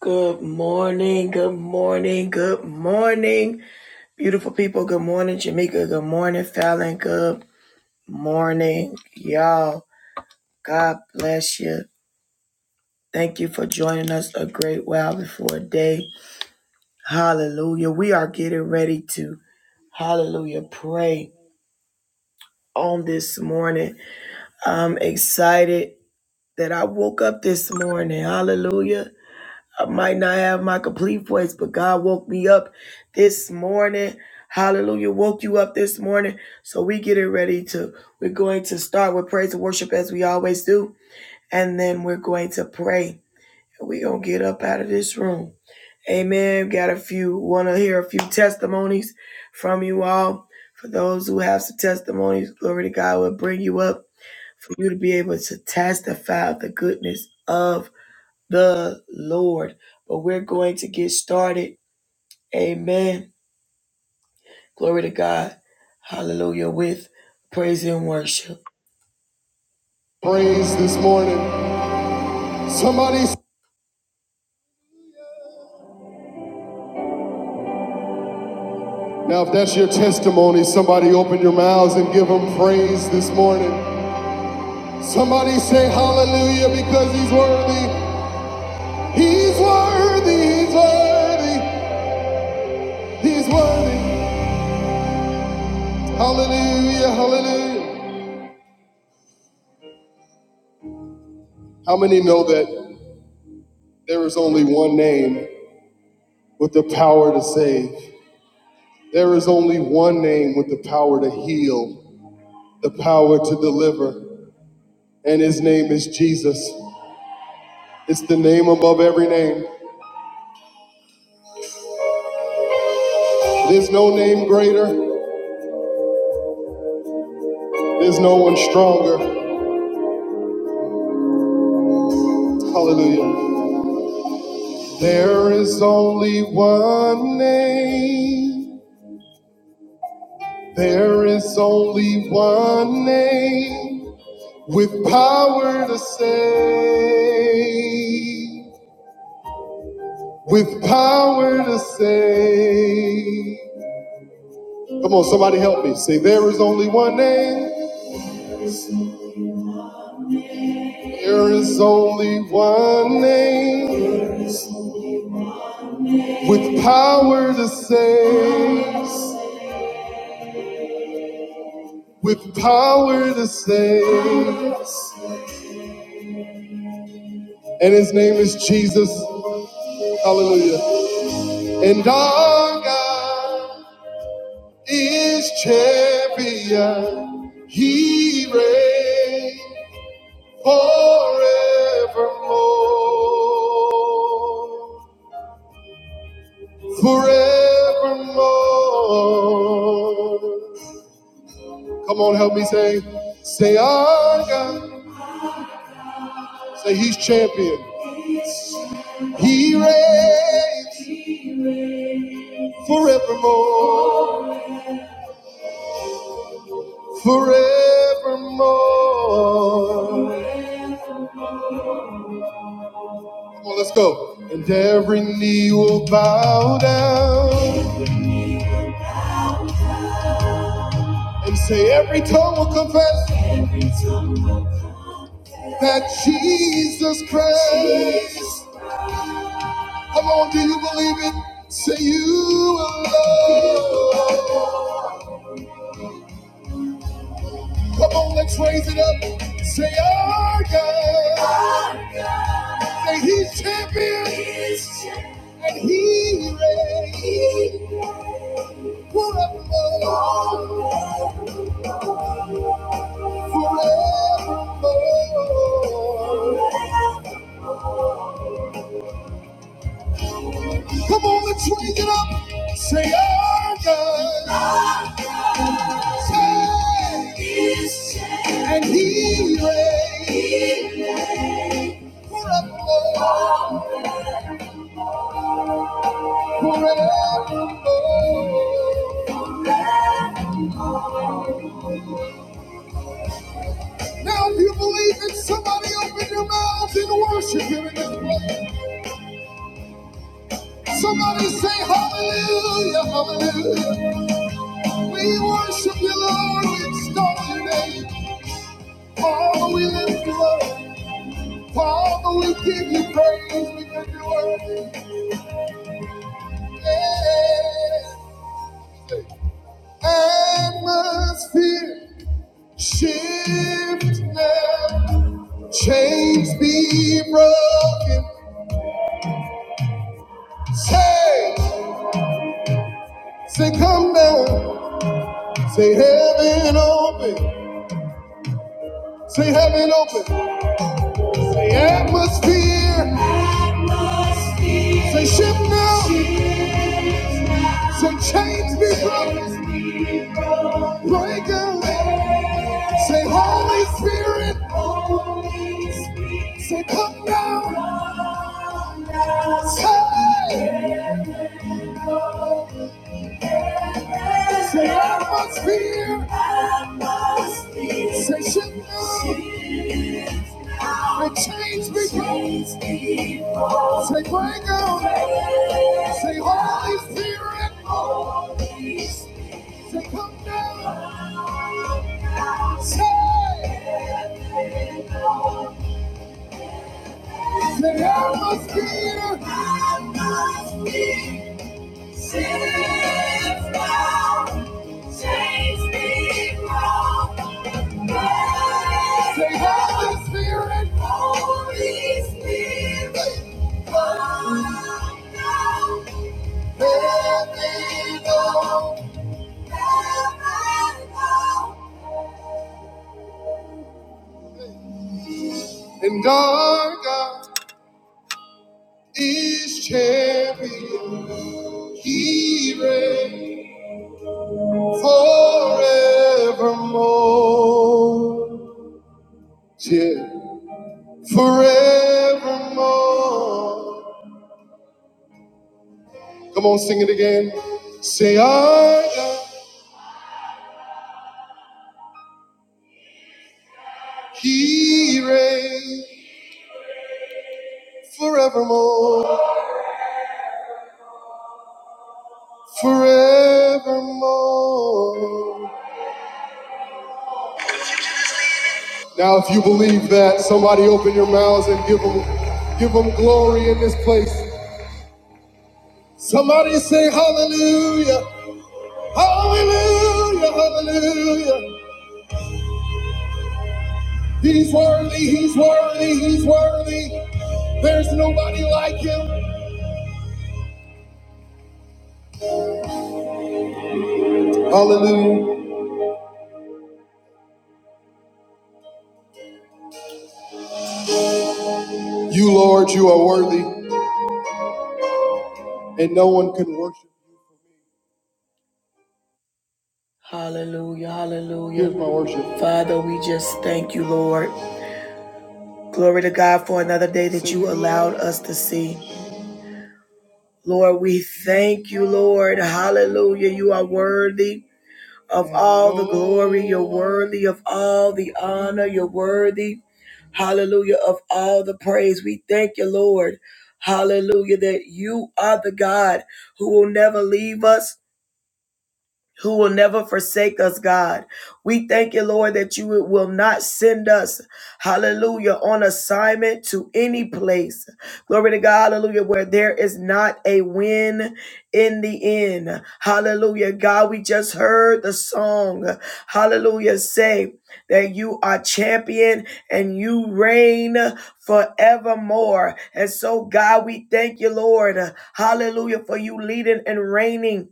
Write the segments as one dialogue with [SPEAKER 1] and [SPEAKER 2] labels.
[SPEAKER 1] Good morning, good morning, good morning, beautiful people. Good morning, Jamaica. Good morning, Fallon. Good morning, y'all. God bless you. Thank you for joining us a great while before day. Hallelujah. We are getting ready to, hallelujah, pray on this morning. I'm excited that I woke up this morning. Hallelujah. I might not have my complete voice, but God woke me up this morning. Hallelujah. Woke you up this morning. So we getting ready to, we're going to start with praise and worship as we always do. And then we're going to pray. And we going to get up out of this room. Amen. Got a few, want to hear a few testimonies from you all. For those who have some testimonies, glory to God will bring you up for you to be able to testify of the goodness of the Lord. But we're going to get started. Amen. Glory to God. Hallelujah. With praise and worship. Praise this morning. Somebody, now if that's your testimony, somebody open your mouths and give him praise this morning. Somebody say hallelujah because he's worthy. He's worthy. He's worthy. He's worthy. Hallelujah. Hallelujah. How many know that there is only one name? with the power to save. There is only one name with the power to heal, the power to deliver, and his name is Jesus. It's the name above every name. There's no name greater, there's no one stronger. Hallelujah. There is only one name, there is only one name with power to save. with power to save. Come on, somebody help me. Say, there is only one name. There is only one name with power to save. With power to save. And his name is Jesus. Hallelujah. And our God is champion. He reigns. forevermore, forevermore. Come on, help me say, say our God, say He's champion. He reigns forevermore, forevermore. Come on, let's go. And every knee will bow down and say every tongue will confess that Jesus Christ. Come on, do you believe it? Say you alone. Come on, let's raise it up. Say our God. Say He's champion. And He reigns forevermore. Forevermore. Come on, let's wake it up. Say, our God. Our God. Say, is changed. And he reigns. Forevermore. Forevermore. Now, if you believe it, somebody open your mouths and worship him in this place. Somebody say, Hallelujah, Hallelujah. We worship you, Lord. We extol your name. Oh, we lift you up. Father, we give you praise because you are worthy. Atmosphere shift now. Chains be broken. Say, say, come down. Say, heaven open. Say, heaven open. Say, atmosphere. Say, shift now. Say, chains be broken. Break away. Say, Holy Spirit, Holy Spirit. say, come down. Say, say, atmosphere. Say, shift now. Say, change me. Say, bring on. Say, Holy Spirit. Holy Spirit. Say, come down. Say, Say I must be, I must be saved now. Change me from birth. Say Holy Spirit, Holy Spirit, come now. Let me know. let me know. And our God is champion. He reigns. forevermore. Yeah, forevermore. Come on, sing it again. Say, I He reigns forevermore, forevermore. Now, if you believe that, somebody open your mouths and give them, give them glory in this place. Somebody say hallelujah, hallelujah, hallelujah. He's worthy, he's worthy, he's worthy. There's nobody like him. Hallelujah. You, Lord, you are worthy, and no one can worship you. Hallelujah, hallelujah. Here's my worship. Father, we just thank you, Lord. Glory to God for another day that you allowed us to see. Lord, we thank you, Lord. Hallelujah. You are worthy. of all the glory. You're worthy of all the honor. You're worthy, hallelujah, of all the praise. We thank you, Lord. Hallelujah, that you are the God who will never leave us who will never forsake us, God. We thank you, Lord, that you will not send us, hallelujah, on assignment to any place. Glory to God, hallelujah, where there is not a win in the end. Hallelujah. God, we just heard the song, hallelujah, say that you are champion and you reign forevermore. And so, God, we thank you, Lord, hallelujah, for you leading and reigning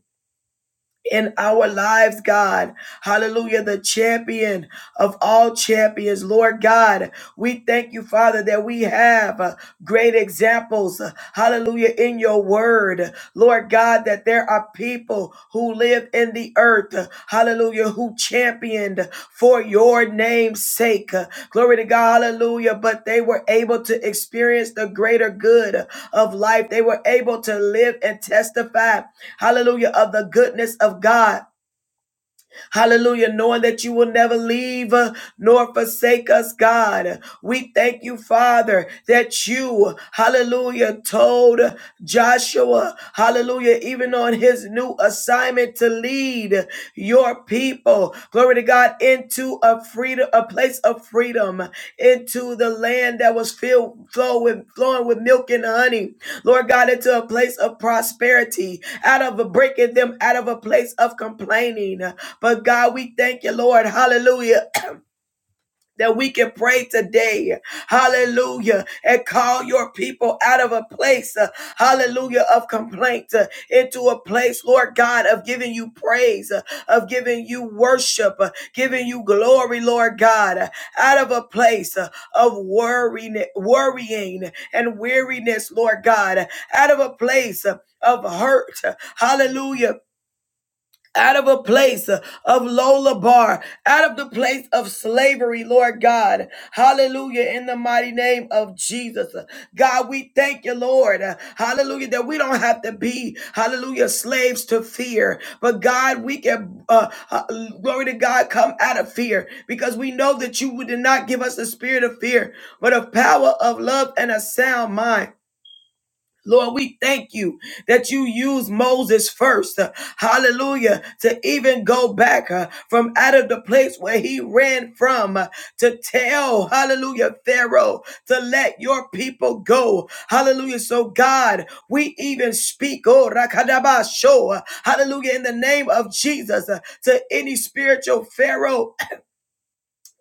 [SPEAKER 1] in our lives, God. Hallelujah, the champion of all champions, Lord God. We thank you, Father, that we have uh, great examples, uh, hallelujah, in your word. Lord God, that there are people who live in in the earth, hallelujah, who championed for your name's sake. Glory to God, hallelujah. But they were able to experience the greater good of life. They were able to live and testify, hallelujah, of the goodness of God. Hallelujah. Knowing that you will never leave uh, nor forsake us, God. We thank you, Father, that you, hallelujah, told Joshua, hallelujah, even on his new assignment to lead your people. Glory to God to God, into a freedom, a place of freedom, into the land that was filled, flow with, flowing with milk and honey. Lord God, into a place of prosperity, out of a breaking them out of a place of complaining. But God, we thank you, Lord. Hallelujah that we can pray today, hallelujah, and call your people out of a place, uh, hallelujah, of complaint uh, into a place, Lord God, of giving you praise, uh, of giving you worship, uh, giving you glory, Lord God, uh, out of a place uh, of worrying, worrying and weariness, Lord God, uh, out of a place uh, of hurt, uh, hallelujah out of a place uh, of Lola Bar, out of the place of slavery, Lord God. Hallelujah. In the mighty name of Jesus. Uh, God, we thank you, Lord. Uh, Hallelujah. That we don't have to be, hallelujah, slaves to fear. But God, we can, uh, uh, glory to God, come out of fear because we know that you did not give us the spirit of fear, but of power, of love, and a sound mind. Lord, we thank you that you use Moses first, uh, hallelujah, to even go back uh, from out of the place where he ran from uh, to tell, hallelujah, Pharaoh to let your people go, hallelujah. So, God, we even speak, oh, rakadabasho, uh, hallelujah, in the name of Jesus uh, to any spiritual Pharaoh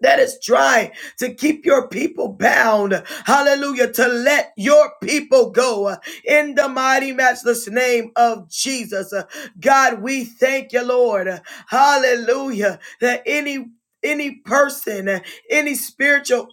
[SPEAKER 1] that is trying to keep your people bound. Hallelujah. To let your people go uh, in the mighty, matchless name of Jesus. Uh, God, we thank you, Lord. Hallelujah. That any any person, uh, any spiritual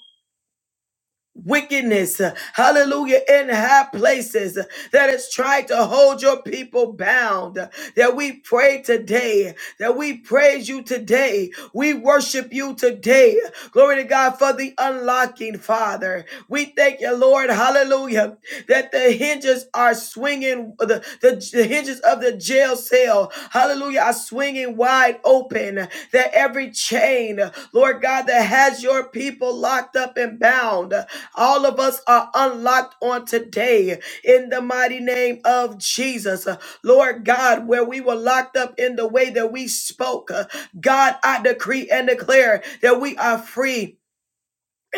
[SPEAKER 1] wickedness, uh, hallelujah, in high places uh, that is trying to hold your people bound. uh, That we pray today, that we praise you today, we worship you today. Glory to God for the unlocking, Father. We thank you, Lord, hallelujah, that the hinges are swinging, the, the, the hinges of the jail cell, hallelujah, are swinging wide open, that every chain, Lord God, that has your people locked up and bound. All of us are unlocked on today in the mighty name of Jesus. Uh, Lord God, where we were locked up in the way that we spoke, uh, God, I decree and declare that we are free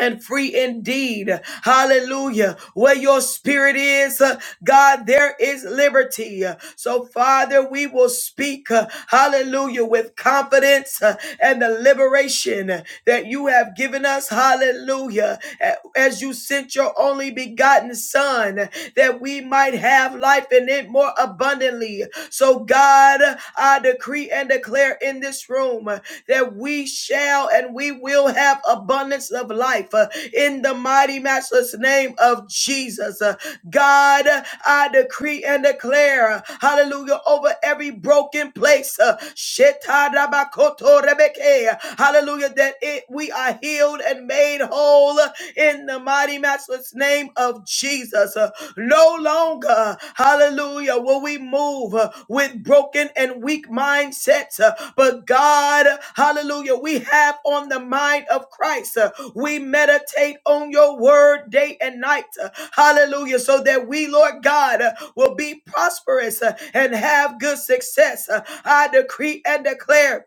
[SPEAKER 1] and free indeed. Hallelujah. Where your spirit is, uh, God, there is liberty. Uh, So, Father, we will speak, uh, hallelujah, with confidence uh, and the liberation that you have given us. Hallelujah. A- As you sent your only begotten Son, that we might have life in it more abundantly. So, God, I decree and declare in this room uh, that we shall and we will have abundance of life uh, in the mighty, matchless name of Jesus. Uh, God, uh, I decree and declare, uh, hallelujah, over every broken place, uh, uh, hallelujah, that it we are healed and made whole uh, in the mighty, matchless marvelous name of Jesus. Uh, No longer, hallelujah, will we move uh, with broken and weak mindsets. uh, But God, hallelujah, we have on the mind of Christ. Uh, We meditate on your word day and night. uh, Hallelujah. So that we, Lord God, uh, will be prosperous uh, and have good success. Uh, I decree and declare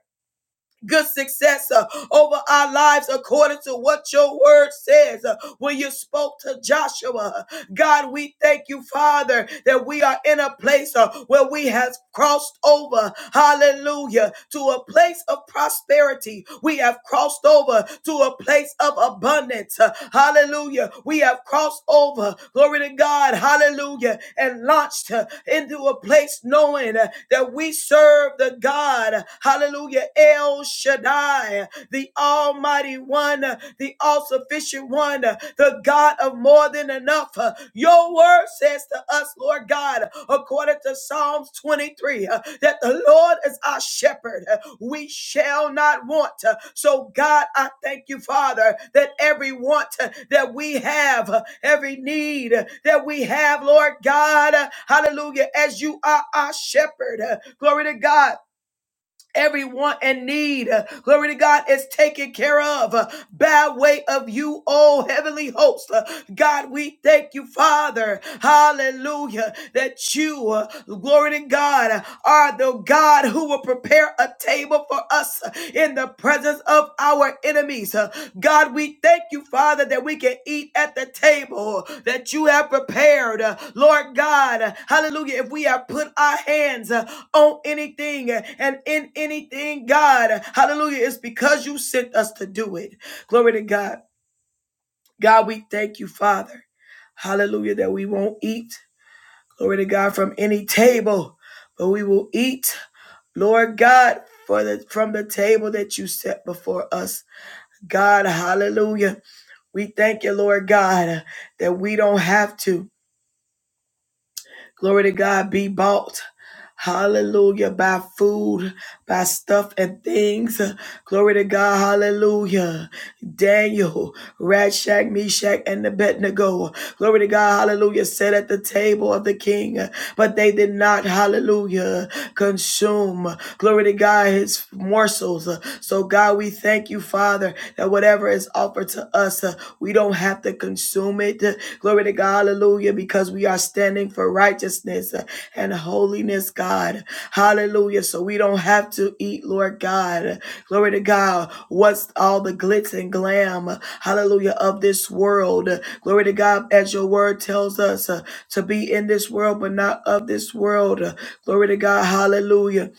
[SPEAKER 1] good success uh, over our lives according to what your word says. Uh, when you spoke to Joshua, God, we thank you, Father, that we are in a place uh, where we have crossed over, hallelujah, to a place of prosperity. We have crossed over to a place of abundance, uh, hallelujah. We have crossed over, glory to God, hallelujah, and launched uh, into a place knowing uh, that we serve the God, hallelujah, El Shaddai, the Almighty one, uh, the all sufficient one, uh, the God of more than enough. Uh, Your word says to us, Lord God, according to Psalms 23, uh, that the Lord is our shepherd. Uh, We shall not want. Uh, So, God, I thank you, Father, that every want uh, that we have, uh, every need uh, that we have, Lord God, uh, hallelujah, as you are our shepherd. Uh, Glory to God. Every want and need, uh, glory to God, is taken care of uh, by way of you, oh heavenly host. Uh, God, we thank you, Father. Hallelujah. That you, uh, glory to God, are the God who will prepare a table for us in the presence of our enemies. Uh, God, we thank you, Father, that we can eat at the table that you have prepared. Uh, Lord God, hallelujah. If we have put our hands, uh, on anything and in anything, God. Hallelujah. It's because you sent us to do it. Glory to God. God, we thank you, Father. Hallelujah, that we won't eat, glory to God, from any table, but we will eat, Lord God, for the, from the table that you set before us. God, hallelujah. We thank you, Lord God, that we don't have to. Glory to God, be bought. Hallelujah, by food, by stuff and things. Glory to God, hallelujah. Daniel, Rashak, Meshach, and Abednego. Glory to God, hallelujah, sat at the table of the king, but they did not, hallelujah, consume, glory to God, his morsels. So, God, we thank you, Father, that whatever is offered to us, uh, we don't have to consume it. Glory to God, hallelujah, because we are standing for righteousness uh, and holiness, God. Hallelujah. So, we don't have to eat, Lord God. Glory to God. What's all the glitz and glam, hallelujah, of this world? Glory to God, as your word tells us uh, to be in this world, but not of this world. Glory to God, hallelujah,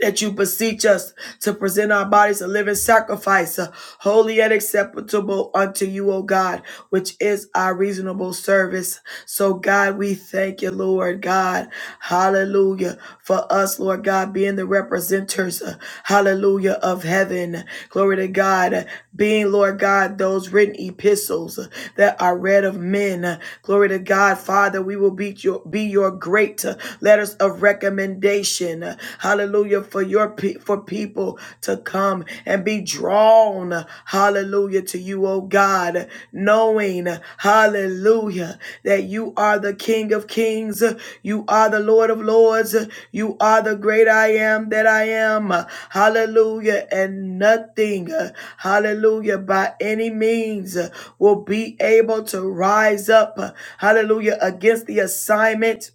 [SPEAKER 1] that you beseech us to present our bodies a living sacrifice, uh, holy and acceptable unto you, O God, which is our reasonable service. So, God, we thank you, Lord God, hallelujah for us, Lord God, being the representers, uh, hallelujah, of heaven. Glory to God, uh, being, Lord God, those written epistles uh, that are read of men. Uh, Glory to God, Father, we will be your, be your great uh, letters of recommendation. Uh, Hallelujah, for your for people to come and be drawn. uh, Hallelujah hallelujah, to you, oh God, knowing, hallelujah, that you are the King of Kings, you are the Lord of Lords, you are the great I am that I am, hallelujah, and nothing, hallelujah, by any means will be able to rise up, hallelujah, against the assignment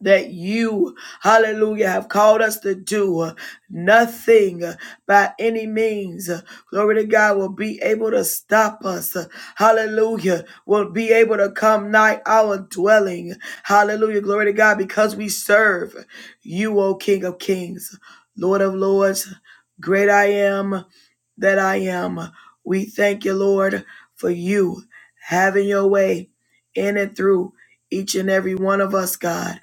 [SPEAKER 1] that you, hallelujah, have called us to do. Nothing by any means, glory to God, will be able to stop us. Hallelujah, will be able to come nigh our dwelling. Hallelujah, glory to God, because we serve you, O King of Kings, Lord of Lords. Great I am, that I am. We thank you, Lord, for you having your way in and through each and every one of us, God.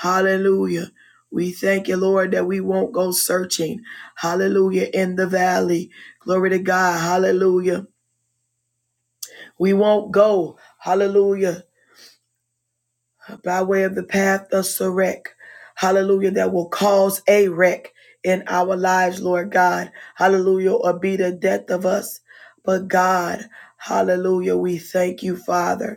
[SPEAKER 1] Hallelujah. We thank you, Lord, that we won't go searching. Hallelujah. In the valley. Glory to God. Hallelujah. We won't go. Hallelujah by way of the path of Sarek. Hallelujah. That will cause a wreck in our lives, Lord God. Hallelujah. Or be the death of us. But God, hallelujah, we thank you, Father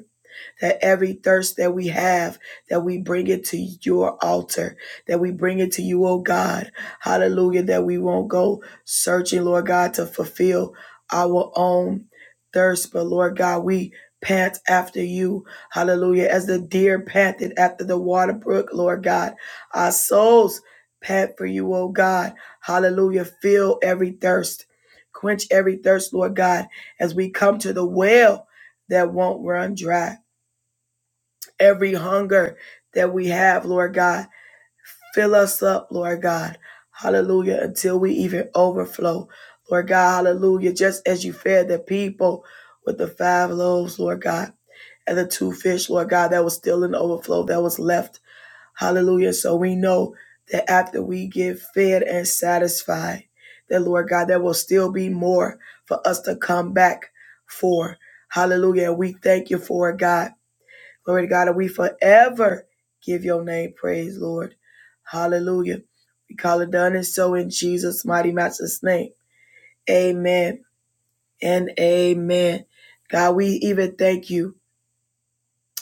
[SPEAKER 1] that every thirst that we have, that we bring it to your altar, that we bring it to you, oh God. Hallelujah, that we won't go searching, Lord God, to fulfill our own thirst, but Lord God, we pant after you. Hallelujah, as the deer panted after the water brook, Lord God, our souls pant for you, oh God. Hallelujah, fill every thirst. Quench every thirst, Lord God, as we come to the well that won't run dry every hunger that we have, Lord God. Fill us up, Lord God. Hallelujah. Until we even overflow. Lord God, hallelujah. Just as you fed the people with the five loaves, Lord God, and the two fish, Lord God, that was still in the overflow that was left. Hallelujah. So we know that after we get fed and satisfied, that Lord God, there will still be more for us to come back for. Hallelujah. We thank you for it, God. Glory to God. And we forever give your name praise, Lord. Hallelujah. We call it done and so in Jesus' mighty master's name. Amen and amen. God, we even thank you,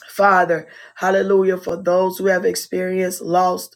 [SPEAKER 1] Father. Hallelujah. For those who have experienced loss,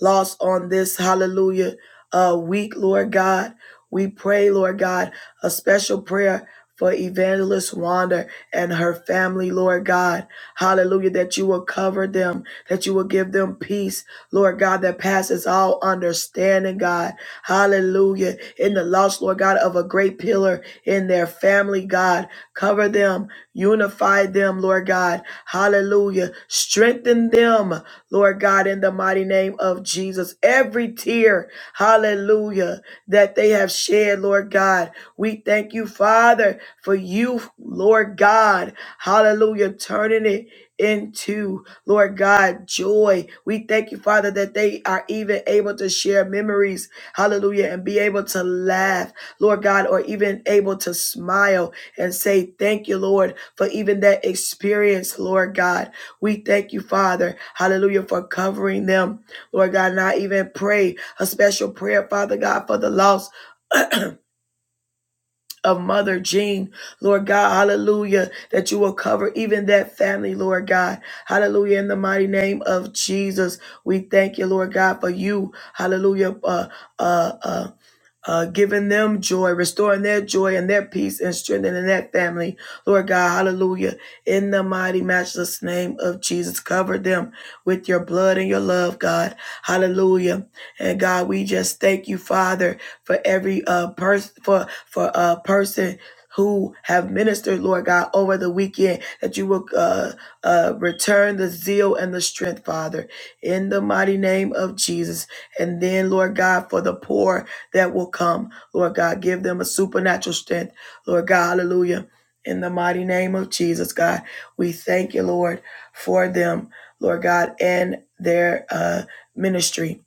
[SPEAKER 1] lost on this hallelujah uh, week, Lord God. We pray, Lord God, a special prayer for Evangelist Wanda and her family, Lord God. Hallelujah, that you will cover them, that you will give them peace, Lord God, that passes all understanding, God. Hallelujah. In the loss, Lord God, of a great pillar in their family, God. Cover them, unify them, Lord God. Hallelujah. Strengthen them. Lord God, in the mighty name of Jesus. Every tear, hallelujah, that they have shed, Lord God, we thank you, Father, for you, Lord God, hallelujah, turning it into, Lord God, joy. We thank you, Father, that they are even able to share memories, hallelujah, and be able to laugh, Lord God, or even able to smile and say, Thank you, Lord, for even that experience, Lord God. We thank you, Father, hallelujah, for covering them. Lord God, and I even pray a special prayer, Father God, for the loss of Mother Jean. Lord God, hallelujah, that you will cover even that family, Lord God. Hallelujah, in the mighty name of Jesus. We thank you, Lord God, for you, hallelujah, uh, uh, uh, uh, giving them joy, restoring their joy and their peace and strengthening that family. Lord God, hallelujah. In the mighty, matchless name of Jesus, cover them with your blood and your love, God. Hallelujah. And God, we just thank you, Father, for every uh, person, for, for a person who have ministered, Lord God, over the weekend, that you will uh, uh, return the zeal and the strength, Father, in the mighty name of Jesus. And then, Lord God, for the poor that will come. Lord God, give them a supernatural strength. Lord God, hallelujah. In the mighty name of Jesus, God, we thank you, Lord, for them, Lord God, and their uh, ministry.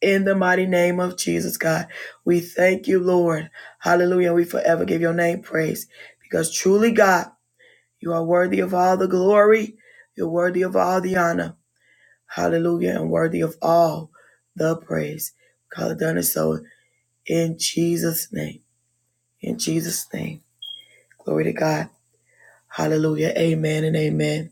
[SPEAKER 1] In the mighty name of Jesus, God, we thank you, Lord. Hallelujah. We forever give your name praise because truly, God, you are worthy of all the glory. You're worthy of all the honor. Hallelujah. And worthy of all the praise. Call it done and so. In Jesus' name. In Jesus' name. Glory to God. Hallelujah. Amen and amen.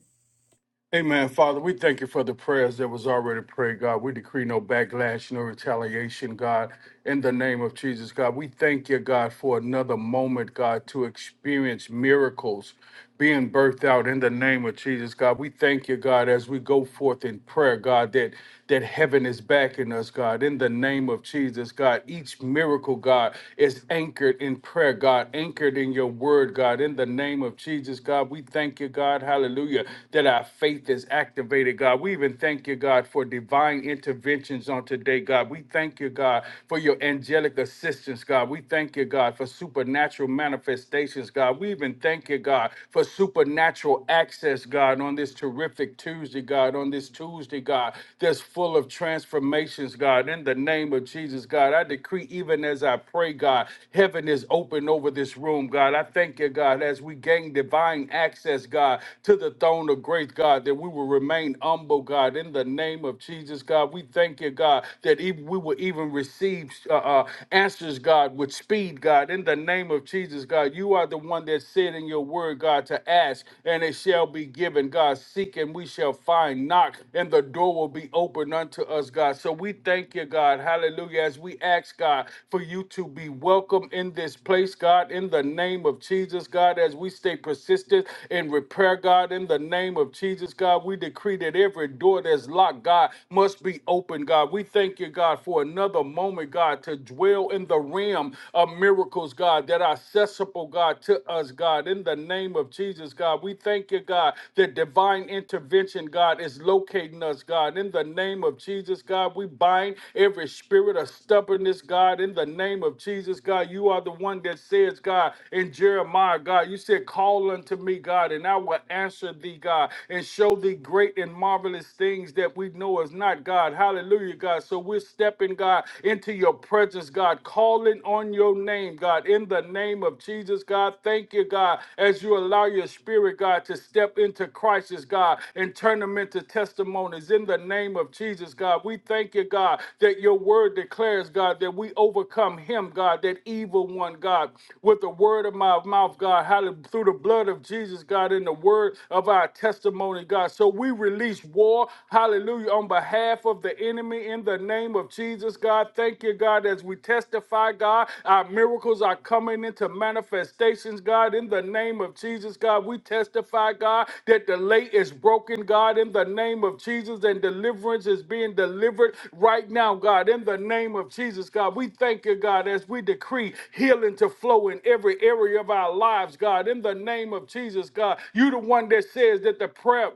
[SPEAKER 2] Amen. Father, we thank you for the prayers that was already prayed, God. We decree no backlash, no retaliation, God, in the name of Jesus, God. We thank you, God, for another moment, God, to experience miracles being birthed out in the name of Jesus, God. We thank you, God, as we go forth in prayer, God, that that heaven is backing us, God, in the name of Jesus, God. Each miracle, God, is anchored in prayer, God, anchored in your word, God, in the name of Jesus, God. We thank you, God. Hallelujah. That our faith faith is activated, God. We even thank you, God, for divine interventions on today, God. We thank you, God, for your angelic assistance, God. We thank you, God, for supernatural manifestations, God. We even thank you, God, for supernatural access, God, on this terrific Tuesday, God, on this Tuesday, God, that's full of transformations, God. In the name of Jesus, God, I decree, even as I pray, God, heaven is open over this room, God. I thank you, God, as we gain divine access, God, to the throne of grace, God. God, that we will remain humble, God, in the name of Jesus, God. We thank you, God, that even we will even receive uh, uh, answers, God, with speed, God, in the name of Jesus, God. You are the one that said in your word, God, to ask and it shall be given, God. Seek and we shall find, knock and the door will be opened unto us, God. So we thank you, God, hallelujah, as we ask, God, for you to be welcome in this place, God, in the name of Jesus, God, as we stay persistent in repair, God, in the name of Jesus. Jesus, God, we decree that every door that's locked, God, must be open, God. We thank you, God, for another moment, God, to dwell in the realm of miracles, God, that are accessible, God, to us, God. In the name of Jesus, God, we thank you, God, that divine intervention, God, is locating us, God. In the name of Jesus, God, we bind every spirit of stubbornness, God. In the name of Jesus, God, you are the one that says, God, in Jeremiah, God, you said, call unto me, God, and I will answer thee, God, and show show thee great and marvelous things that we know is not God. Hallelujah, God. So we're stepping, God, into your presence, God, calling on your name, God, in the name of Jesus, God. Thank you, God, as you allow your spirit, God, to step into crisis, God, and turn them into testimonies in the name of Jesus, God. We thank you, God, that your word declares, God, that we overcome him, God, that evil one, God, with the word of my mouth, God, hallelujah, through the blood of Jesus, God, in the word of our testimony, God. God. So we release war, hallelujah, on behalf of the enemy in the name of Jesus, God. Thank you, God, as we testify, God. Our miracles are coming into manifestations, God, in the name of Jesus, God. We testify, God, that the late is broken, God, in the name of Jesus, and deliverance is being delivered right now, God, in the name of Jesus, God. We thank you, God, as we decree healing to flow in every area of our lives, God, in the name of Jesus, God. You the one that says that the prayer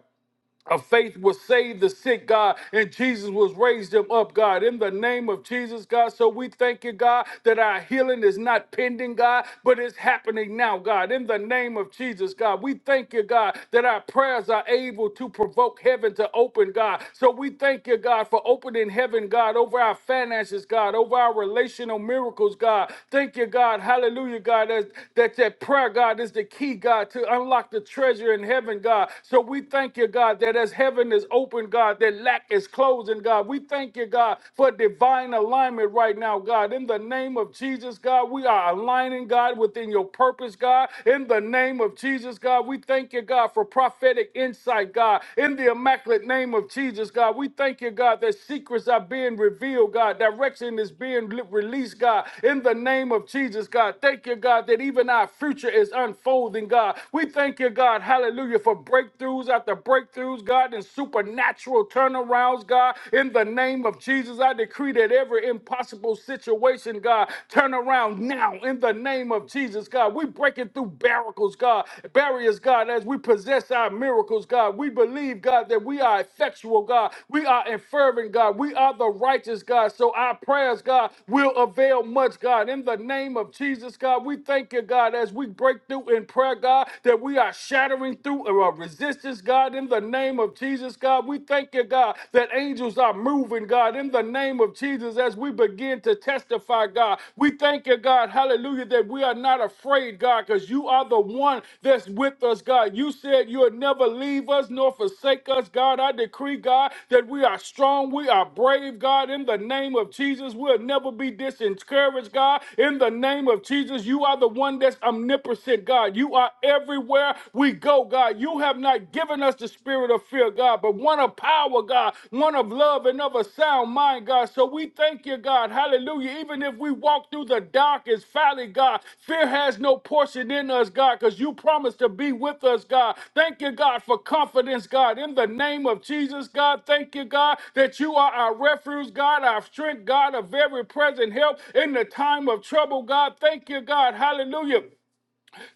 [SPEAKER 2] of faith will save the sick, God, and Jesus was raised them up, God, in the name of Jesus, God. So we thank you, God, that our healing is not pending, God, but it's happening now, God, in the name of Jesus, God. We thank you, God, that our prayers are able to provoke heaven to open, God. So we thank you, God, for opening heaven, God, over our finances, God, over our relational miracles, God. Thank you, God, hallelujah, God, that, that, that prayer, God, is the key, God, to unlock the treasure in heaven, God. So Lord, we thank you, God, that as heaven is open, God, that lack is closing, God. We thank you, God, for divine alignment right now, God. In the name of Jesus, God, we are aligning, God, within your purpose, God. In the name of Jesus, God, we thank you, God, for prophetic insight, God. In the immaculate name of Jesus, God, we thank you, God, that secrets are being revealed, God. Direction is being li- released, God. In the name of Jesus, God, thank you, God, that even our future is unfolding, God. We thank you, God. Hallelujah hallelujah, for breakthroughs after breakthroughs, God, and supernatural turnarounds, God. In the name of Jesus, I decree that every impossible situation, God, turn around now in the name of Jesus, God. We're breaking through barricades, God, barriers, God, as we possess our miracles, God. We believe, God, that we are effectual, God. We are fervent, God. We are the righteous, God. So our prayers, God, will avail much, God. In the name of Jesus, God, we thank you, God, as we break through in prayer, God, that we that we are shattering through our resistance, God, in the name of Jesus, God. We thank you, God, that angels are moving, God, in the name of Jesus, as we begin to testify, God. We thank you, God, hallelujah, that we are not afraid, God, because you are the one that's with us, God. You said you'll never leave us nor forsake us, God. I decree, God, that we are strong, we are brave, God, in the name of Jesus. We'll never be disencouraged, God, in the name of Jesus. You are the one that's omnipotent, God. God. You are everywhere we go, God. You have not given us the spirit of fear, God, but one of power, God, one of love and of a sound mind, God. So we thank you, God. Hallelujah. Even if we walk through the darkest valley, God, fear has no portion in us, God, because you promised to be with us, God. Thank you, God, for confidence, God. In the name of Jesus, God, thank you, God, that you are our refuge, God, our strength, God, a very present help in the time of trouble, God. Thank you, God. Hallelujah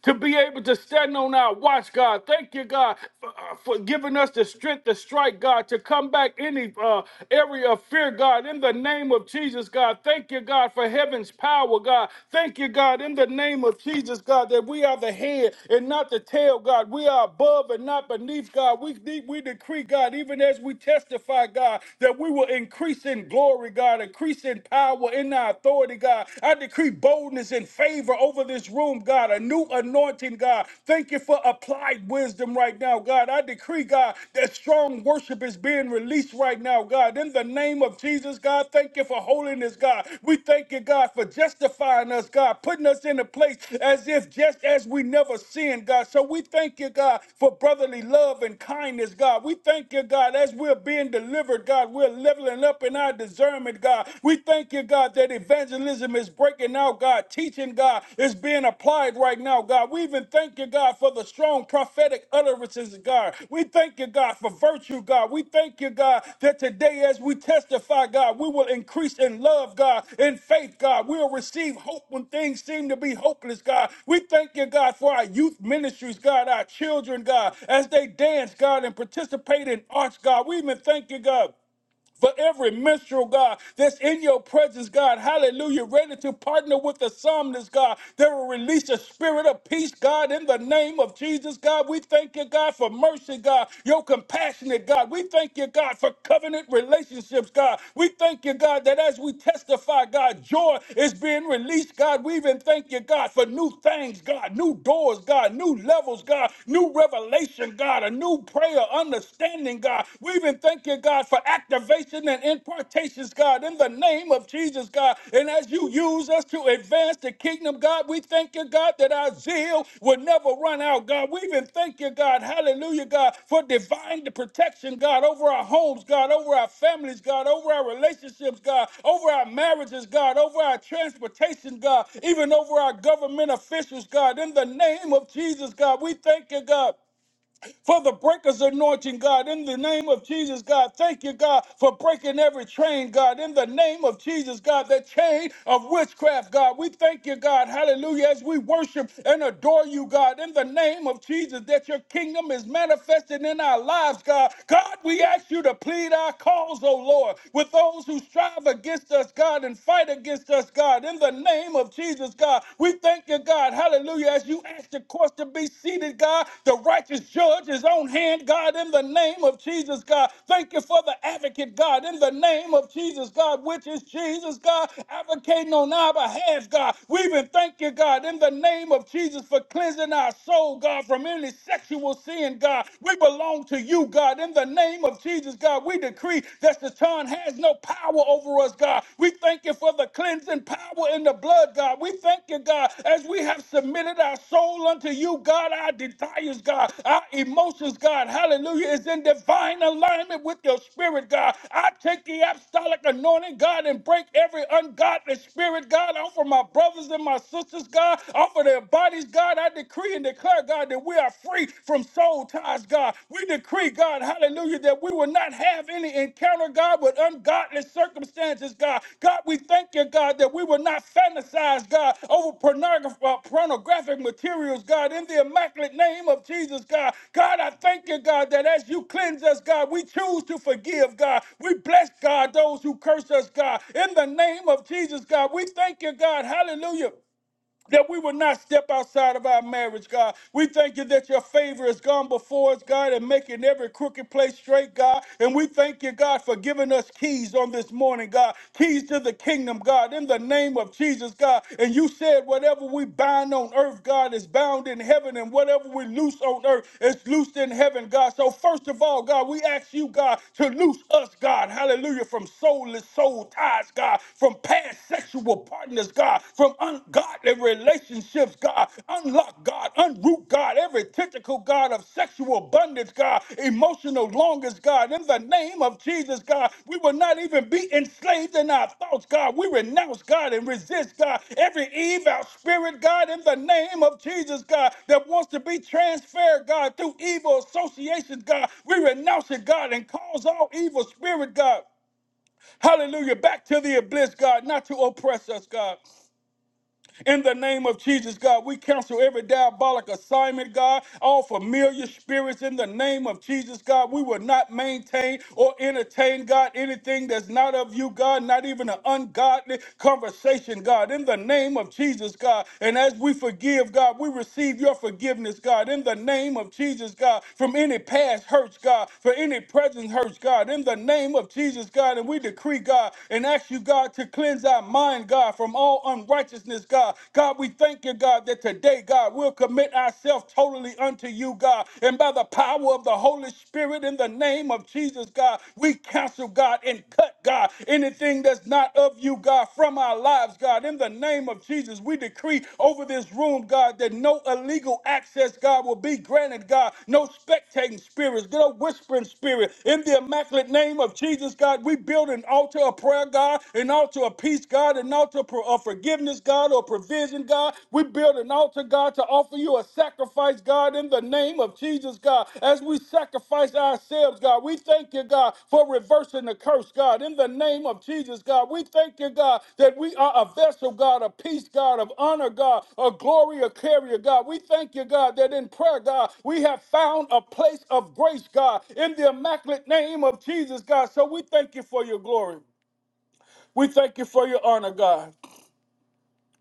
[SPEAKER 2] to be able to stand on our watch, God. Thank you, God, for, uh, for giving us the strength to strike, God, to come back any uh, area of fear, God, in the name of Jesus, God. Thank you, God, for heaven's power, God. Thank you, God, in the name of Jesus, God, that we are the head and not the tail, God. We are above and not beneath, God. We, we decree, God, even as we testify, God, that we will increase in glory, God, increase in power, in our authority, God. I decree boldness boldness and favor over this room, God, a new anointing, God. Thank you for applied wisdom right now, God. I decree, God, that strong worship is being released right now, God. In the name of Jesus, God, thank you for holiness, God. We thank you, God, for justifying us, God, putting us in a place as if just as we never sinned, God. So we thank you, God, for brotherly love and kindness, God. We thank you, God, as we're being delivered, God, we're leveling up in our discernment, God. We thank you, God, that evangelism is breaking out, God. Teaching, God, is being applied right now, God. We even thank you, God, for the strong prophetic utterances, God. We thank you, God, for virtue, God. We thank you, God, that today as we testify, God, we will increase in love, God, in faith, God. We'll receive hope when things seem to be hopeless, God. We thank you, God, for our youth ministries, God, our children, God, as they dance, God, and participate in arts, God. We even thank you, God for every minstrel, God, that's in your presence, God. Hallelujah. Ready to partner with the psalmist, God. that will release a spirit of peace, God, in the name of Jesus, God. We thank you, God, for mercy, God, your compassionate, God. We thank you, God, for covenant relationships, God. We thank you, God, that as we testify, God, joy is being released, God. We even thank you, God, for new things, God, new doors, God, new levels, God, new revelation, God, a new prayer, understanding understanding, God. We even thank you, God, for activation and impartations, God, in the name of Jesus, God. And as you use us to advance the kingdom, God, we thank you, God, that our zeal will never run out, God. We even thank you, God, hallelujah, God, for divine protection, God, over our homes, God, over our families, God, over our relationships, God, over our marriages, God, over our transportation, God, even over our government officials, God, in the name of Jesus, God. We thank you, God for the breakers anointing, God. In the name of Jesus, God, thank you, God, for breaking every chain, God. In the name of Jesus, God, that chain of witchcraft, God. We thank you, God. Hallelujah. As we worship and adore you, God, in the name of Jesus, that your kingdom is manifested in our lives, God. God, we ask you to plead our cause, oh Lord, with those who strive against us, God, and fight against us, God. In the name of Jesus, God, God. We thank you, God. Hallelujah. As you ask the courts to be seated, God, the righteous judge is on hand, God, in the name of Jesus, God. Thank you for the advocate, God, in the name of Jesus, God, which is Jesus, God, advocating on our behalf, God. We even thank you, God, in the name of Jesus for cleansing our soul, God, from any sexual sin, God. We belong to you, God, in the name of Jesus, God. We decree that Satan has has no power over us, God. We thank you for the cleansing power in the blood, God. We thank you, God, as we have submitted our soul unto you, God, our desires, God, our emotions, God, hallelujah, is in divine alignment with your spirit, God. I take the apostolic anointing, God, and break every ungodly spirit, God, off of my brothers and my sisters, God, off of their bodies, God. I decree and declare, God, that we are free from soul old times, God. We decree, God, hallelujah, that we will not have any encounter, God, with ungodly circumstances, God. God, we thank you, God, that we will not fantasize, God, over pornograph- uh, pornographic materials, God, in the immaculate name of Jesus, God. God, I thank you, God, that as you cleanse us, God, we choose to forgive, God. We bless, God, those who curse us, God. In the name of Jesus, God, we thank you, God, hallelujah that we will not step outside of our marriage, God. We thank you that your favor has gone before us, God, and making every crooked place straight, God. And we thank you, God, for giving us keys on this morning, God. Keys to the kingdom, God, in the name of Jesus, God. And you said, whatever we bind on earth, God, is bound in heaven, and whatever we loose on earth is loosed in heaven, God. So, first of all, God, we ask you, God, to loose us, God. Hallelujah. From soulless soul ties, God. From past sexual partners, God, from ungodly relationships, God. Unlock, God, unroot, God, every tentacle, God, of sexual bondage, God, emotional longings, God. In the name of Jesus, God, we will not even be enslaved in our thoughts, God. We renounce, God, and resist, God, every evil spirit, God, in the name of Jesus, God, that wants to be transferred, God, through evil associations, God. We renounce it, God, and cause all evil spirit, God. Hallelujah. Back to the abyss, God, not to oppress us, God. In the name of Jesus, God, we cancel every diabolic assignment, God, all familiar spirits in the name of Jesus, God. We will not maintain or entertain, God, anything that's not of you, God, not even an ungodly conversation, God, in the name of Jesus, God. And as we forgive, God, we receive your forgiveness, God, in the name of Jesus, God, from any past hurts, God, for any present hurts, God, in the name of Jesus, God. And we decree, God, and ask you, God, to cleanse our mind, God, from from all unrighteousness, God. God, we thank you, God, that today, God, we'll commit ourselves totally unto you, God. And by the power of the Holy Spirit in the name of Jesus, God, we cancel, God, and cut, God, anything that's not of you, God, from our lives, God. In the name of Jesus, we decree over this room, God, that no illegal access, God, will be granted, God. No spectating spirits, no whispering spirit. In the immaculate name of Jesus, God, we build an altar of prayer, God, an altar altar of peace, God, an altar of forgiveness, God, or provision, God. We build an altar, God, to offer you a sacrifice, God, in the name of Jesus, God. As we sacrifice ourselves, God, we thank you, God, for reversing the curse, God, in the name of Jesus, God. We thank you, God, that we are a vessel, God, of peace, God, of honor, God, a glory, a carrier, God. We thank you, God, that in prayer, God, we have found a place of grace, God, in the immaculate name of Jesus, God. So we thank you for your glory. We thank you for your honor, God.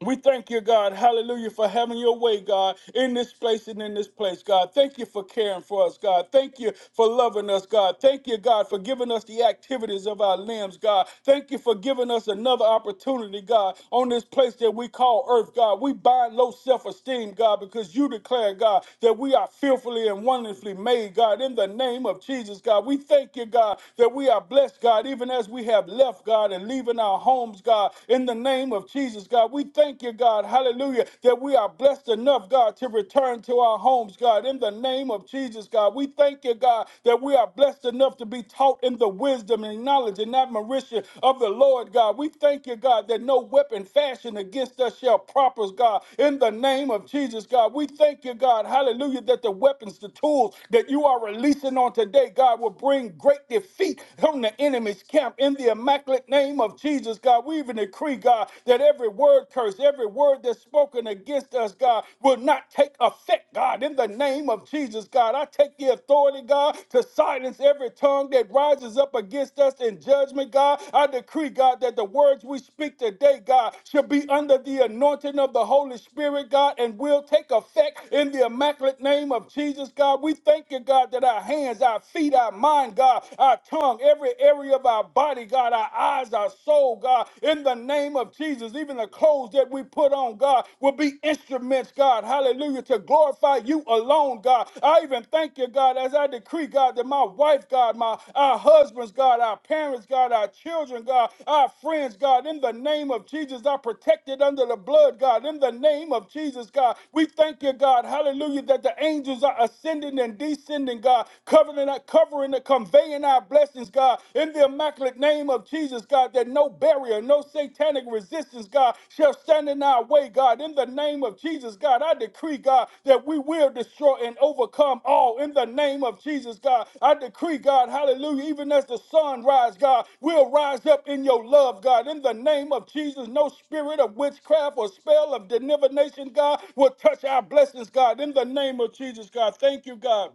[SPEAKER 2] We thank you, God, hallelujah, for having your way, God, in this place and in this place, God. Thank you for caring for us, God. Thank you for loving us, God. Thank you, God, for giving us the activities of our limbs, God. Thank you for giving us another opportunity, God, on this place that we call earth, God. We bind low self esteem, God, because you declare, God, that we are fearfully and wonderfully made, God, in the name of Jesus, God. We thank you, God, that we are blessed, God, even as we have left, God, and leaving our homes, God, in the name of Jesus, God, we thank you, God, hallelujah, that we are blessed enough, God, to return to our homes, God. In the name of Jesus, God, we thank you, God, that we are blessed enough to be taught in the wisdom and knowledge and admiration of the Lord, God. We thank you, God, that no weapon fashioned against us shall prosper, God. In the name of Jesus, God, we thank you, God, hallelujah, that the weapons, the tools that you are releasing on today, God, will bring great defeat on the enemy's camp in the immaculate immaculate name of Jesus, God, we even decree, God, that every word curse, every word that's spoken against us, God, will not take effect, God, in the name of Jesus, God. I take the authority, God, to silence every tongue that rises up against us in judgment, God. I decree, God, that the words we speak today, God, shall be under the anointing of the Holy Spirit, God, and will take effect in the immaculate name of Jesus, God. We thank you, God, that our hands, our feet, our mind, God, our tongue, every every area of our body, God, our eyes, our soul, God, in the name of Jesus. Even the clothes that we put on, God, will be instruments, God, hallelujah, to glorify you alone, God. I even thank you, God, as I decree, God, that my wife, God, my our husbands, God, our parents, God, our children, God, our friends, God, in the name of Jesus, are protected under the blood, God, in the name of Jesus, God. We thank you, God, hallelujah, that the angels are ascending and descending, God, covering, covering covering and conveying our blessings, God, in the immaculate name of Jesus, God, that no barrier, no satanic resistance, God, shall stand in our way, God. In the name of Jesus, God, I decree, God, that we will destroy and overcome all in the name of Jesus, God. I decree, God, hallelujah, even as the sun rise, God, we'll rise up in your love, God. In the name of Jesus, no spirit of witchcraft or spell of divination, God, will touch our blessings, God. In the name of Jesus, God, thank you, God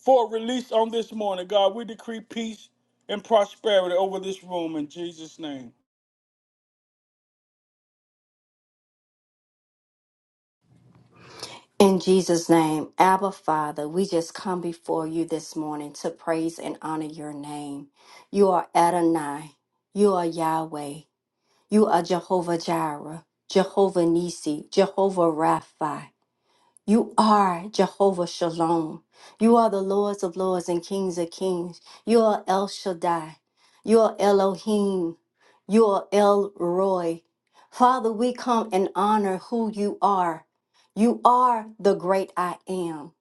[SPEAKER 2] for release on this morning. God, we decree peace and prosperity over this room in Jesus' name.
[SPEAKER 3] In Jesus' name, Abba Father, we just come before you this morning to praise and honor your name. You are Adonai, you are Yahweh, you are Jehovah Jireh, Jehovah Nisi, Jehovah Rapha. You are Jehovah Shalom. You are the Lords of Lords and Kings of Kings. You are El Shaddai. You are Elohim. You are El Roy. Father, we come and honor who you are. You are the great I am.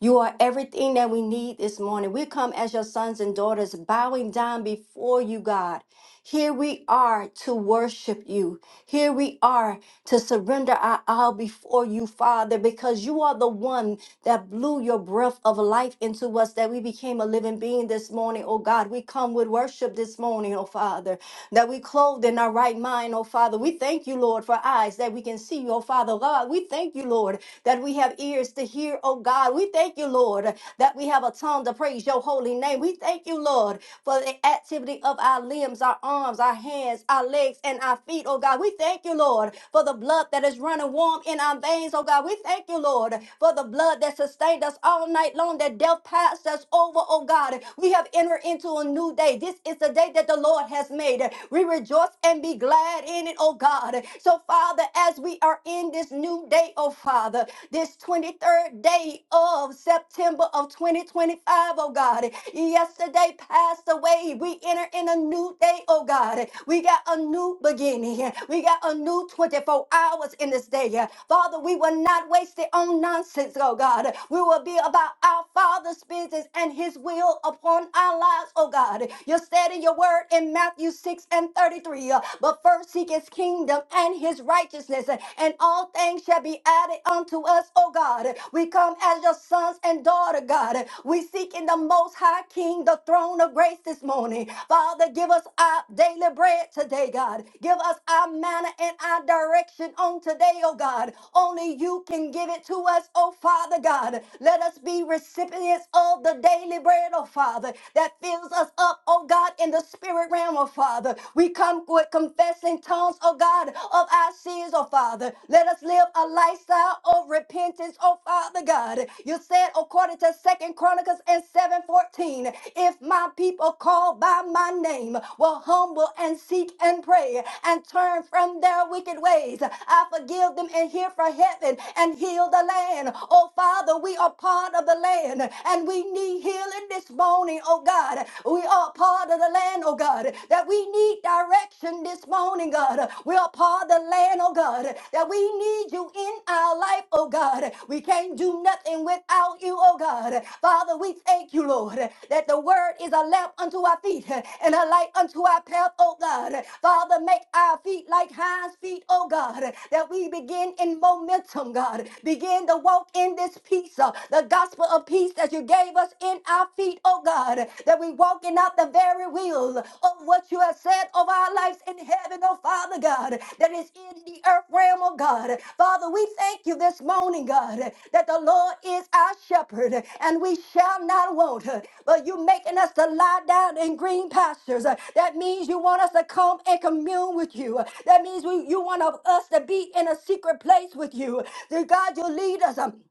[SPEAKER 3] You are everything that we need this morning. We come as your sons and daughters, bowing down before you, God. Here we are to worship you. Here we are to surrender our all before you, Father, because you are the one that blew your breath of life into us, that we became a living being this morning, oh God. We come with worship this morning, oh Father that we clothed in our right mind, oh Father. We thank you, Lord, for eyes that we can see, oh Father God. We thank you, Lord, that we have ears to hear, oh God. We thank you, Lord, that we have a tongue to praise your holy name. We thank you, Lord, for the activity of our limbs, our arms, our hands, our legs, and our feet, oh God. We thank you, Lord, for the blood that is running warm in our veins, oh God. We thank you, Lord, for the blood that sustained us all night long, that death passed us over, oh God. We have entered into a new day. This is the day day that the Lord has made. We rejoice and be glad in it, oh God. So, Father, as we are in this new day, oh Father, this 23rd day of September of 2025, O God, yesterday passed away. We enter in a new day, oh God. We got a new beginning. We got a new 24 hours in this day. Father, we will not waste it on nonsense, oh God. We will be about our Father's business and His will upon our lives, oh oh God. You said in your word in Matthew 6 and 33, uh, but first seek his kingdom and his righteousness, uh, and all things shall be added unto us, oh God. We come as your sons and daughter, God. We seek in the most high king, the throne of grace this morning. Father, give us our daily bread today, God. Give us our manner and our direction on today, oh God. Only you can give it to us, oh Father God. Let us be recipients of the daily bread, oh oh Father, that fills us up, oh God, in the spirit realm, oh Father. We come with confessing tongues, oh God, of our sins, oh Father. Let us live a lifestyle of repentance, oh Father God. You said according to Second Chronicles and 7:14, if my people called by my name will humble and seek and pray and turn from their wicked ways, I forgive them and hear from heaven and heal the land. Oh Father, we are part of the land and and we need healing this morning, oh God. We are part of the land, oh God, that we need direction this morning, God. We are part of the land, oh God, that we need you in our life, oh God. We can't do nothing without you, oh God. Father, we thank you, Lord, that the word is a lamp unto our feet and a light unto our path, oh God. Father, make our feet like hinds feet, oh God, that we begin in momentum, God. Begin to walk in this peace, uh, the the gospel of peace that you gave us in our feet, oh God, that we walking out the very will of what you have said of our lives in heaven, oh Father God, that is in the earth realm, oh God. Father, we thank you this morning, God, that the Lord is our shepherd and we shall not want, but you making us to lie down in green pastures. That means you want us to come and commune with you. That means we, you want us to be in a secret place with you. Dear God, you lead us. um,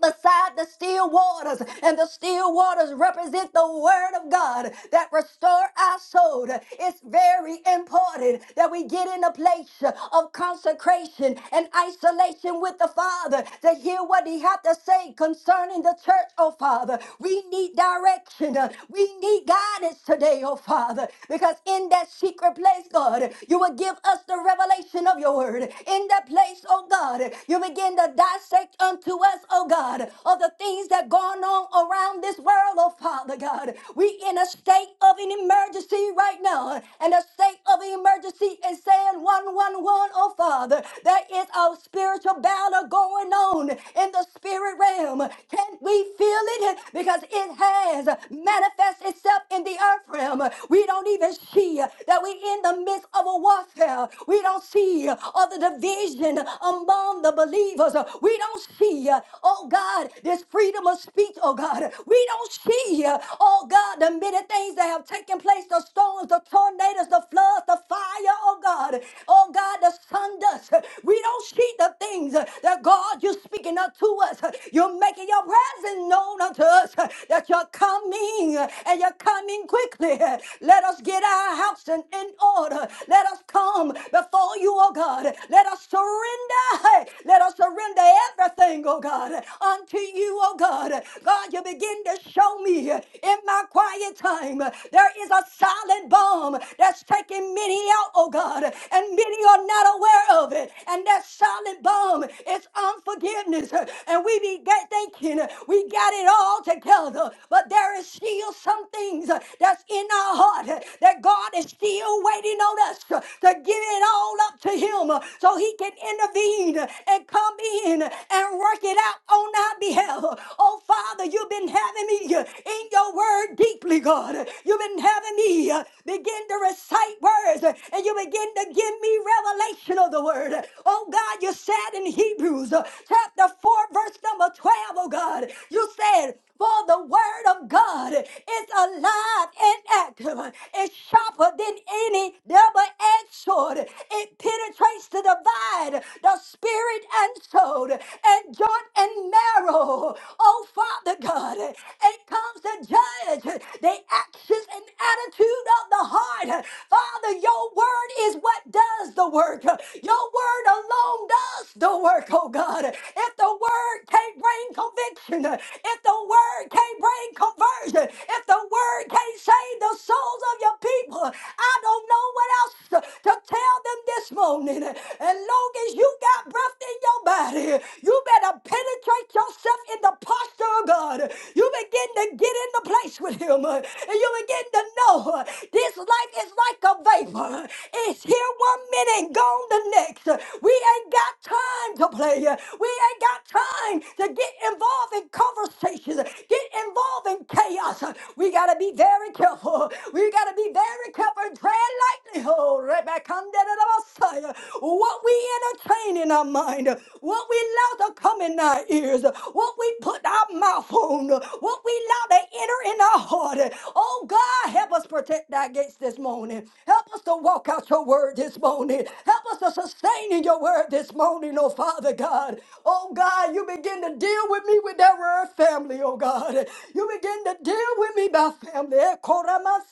[SPEAKER 3] beside the still waters, and the still waters represent the word of God that restore our soul. It's very important that we get in a place of consecration and isolation with the Father to hear what He has to say concerning the church, oh Father. We need direction. We need guidance today, oh Father, because in that secret place, God, you will give us the revelation of your word. In that place, oh God, you begin to dissect unto to us, oh God, of the things that going on around this world, oh Father God. We in a state of an emergency right now, and a state of an emergency is saying 111, oh Father. There is a spiritual battle going on in the spirit realm. Can we feel it? Because it has manifested itself in the earth realm. We don't even see that we in the midst of a warfare. We don't see all the division among the believers. We we don't see, uh, oh God, this freedom of speech, oh God. We don't see, uh, oh God, the many things that have taken place the storms, the tornadoes, the floods, the fire, oh God. Oh God, the sun dust. We don't see the things uh, that God, you're speaking unto us. You're making your presence known unto us uh, that you're coming uh, and you're coming quickly. Let us get our house in, in order. Let us come before you, oh God. Let us surrender. Let us surrender everything, oh God, unto you, oh God. God, you begin to show me in my quiet time there is a silent bomb that's taking many out, oh God, and many are not aware of it. And that silent bomb is unforgiveness. And we be get thinking we got it all together, but there is still some things that's in our heart that God is still waiting on us to give it all up to Him so He can intervene and come in and work it out on our behalf. Oh, Father, you've been having me uh, in your word deeply, God. You've been having me uh, begin to recite words uh, and you begin to give me revelation of the word. Oh, God, you said in Hebrews uh, chapter 4, verse number 12, oh, God, you said, for the word of God is alive and active. It's sharper than any double-edged sword. It penetrates to divide the spirit and soul and joint and marrow. Oh, Father God, it comes to judge the actions and attitude of the heart. Father, your word word is what does the work. Your word alone does the work, oh God. If the word can't bring conviction, if the word can't bring conversion, if the word can't save the souls of your people, I don't know what else to to tell them this morning. As long as you got breath in your body, you better penetrate yourself in the posture of God. You begin to get in the place with Him, and you begin to know this life is like a vapor. It's here one minute and gone the next. We ain't got time to play. We ain't got time to get involved in conversations, get involved in chaos. We got to be very careful. We got to be very careful and tread lightly. Oh, Rebecca, under the Messiah. what we entertain in our mind, what we allow to come in our ears, what we put our mouth on, what we allow to enter in our heart. Oh God, help us protect thy gates this morning. Help us to walk out your word this morning. Help us to sustain in your word this morning, oh Father God. Oh God, you begin to deal with me with that word family, oh God. You begin to deal with me by family. Eh, koramasikelelabasikelema,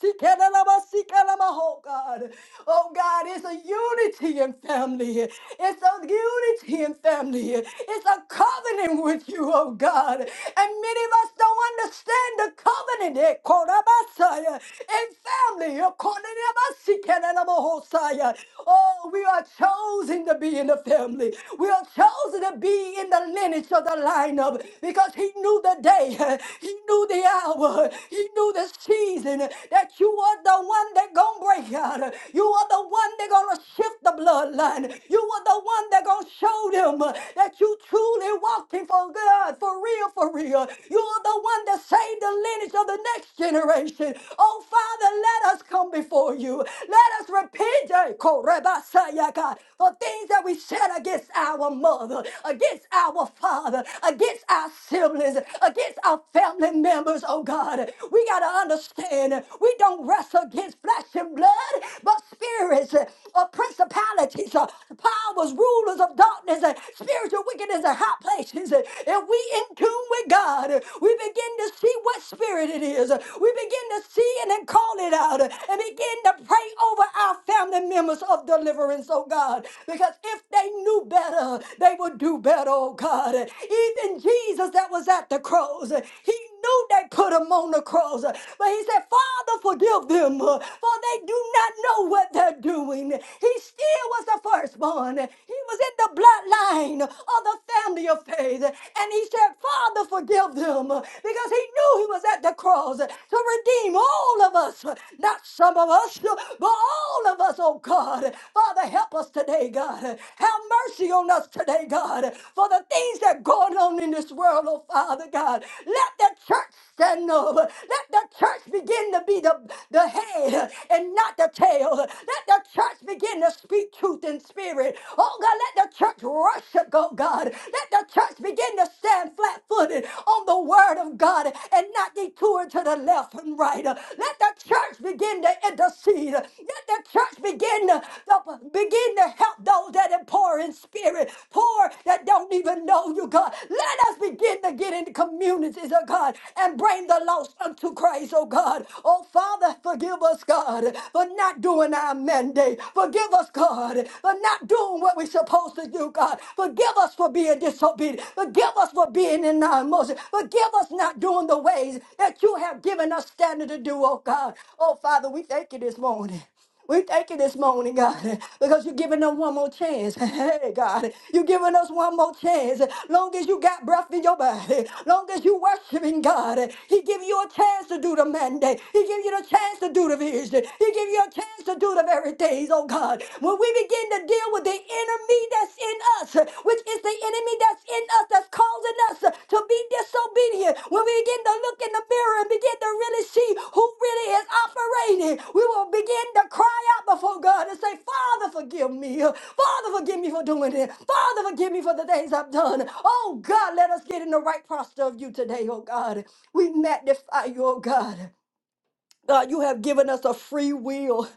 [SPEAKER 3] Oh God. Oh God, it's a unity in family. It's a unity in family. It's a covenant with you, oh God. And many of us don't understand stand the covenant eh, Korabasaya, in family. eh, Korabasikenanamohosaya. Oh, we are chosen to be in the family. We are chosen to be in the lineage of the lineup because he knew the day, eh, he knew the hour, he knew the season eh, that you are the one that gonna break out. eh, You are the one that gonna shift the bloodline. You are the one that gonna show them eh, that you truly walking for God, for real, Maria. You're the one that saved the lineage of the next generation. Oh, Father, let us come before you. Let us repent eh, Korebasaya, God, for things that we said against our mother, against our father, against our siblings, against our family members, oh God. We got to understand we don't wrestle against flesh and blood, but spirits eh, of principalities, eh, powers, rulers of darkness, and spiritual wickedness in high places, and we in tune with God, we begin to see what spirit it is. We begin to see it and call it out and begin to pray over our family members of deliverance, oh God. Because if they knew better, they would do better, oh God. Even Jesus that was at the cross, he knew they put him on the cross. But he said, Father, forgive them, for they do not know what they're doing. He still was the firstborn. He was in the blood bloodline of the family of faith. And he said, Father, forgive them because he knew he was at the cross to redeem all of us, not some of us, but all of us, oh God. Father, help us today, God. Have mercy on us today, God, for the things that are going on in this world, oh Father God. Let the church Stand up! Let the church begin to be the, the head and not the tail. Let the church begin to speak truth in spirit. Oh God, let the church worship, oh God. Let the church begin to stand flat footed on the word of God and not detour to the left and right. Let the church begin to intercede. Let the church begin to, to begin to help those those that are poor in spirit, poor that don't even know you, God. Let us begin to get into communities, oh God, and bring the lost unto Christ, oh God. Oh Father, forgive us, God, for not doing our mandate. Forgive us, God, for not doing what we're supposed to do, God. Forgive us for being disobedient. Forgive us for being in our emotions. Forgive us not doing the ways that you have given us standard to do, oh God. Oh Father, we thank you this morning. We thank you this morning, God, because you're giving them one more chance. Hey, God, you're giving us one more chance. Long as you got breath in your body, long as you worshiping God, He give you a chance to do the mandate. He give you the chance to do the vision. He give you a chance to do the very things, oh God. When we begin to deal with the enemy that's in us, which is the enemy enemy that's in us that's causing us uh, to be disobedient, when we begin to look in the mirror and begin to really see who really is operating, we will begin to cry out before God and say, Father, forgive me. Father, forgive me for doing it. Father, forgive me for the things I've done. Oh God, let us get in the right posture of you today, oh God. We magnify you, oh God. God, you have given us a free will.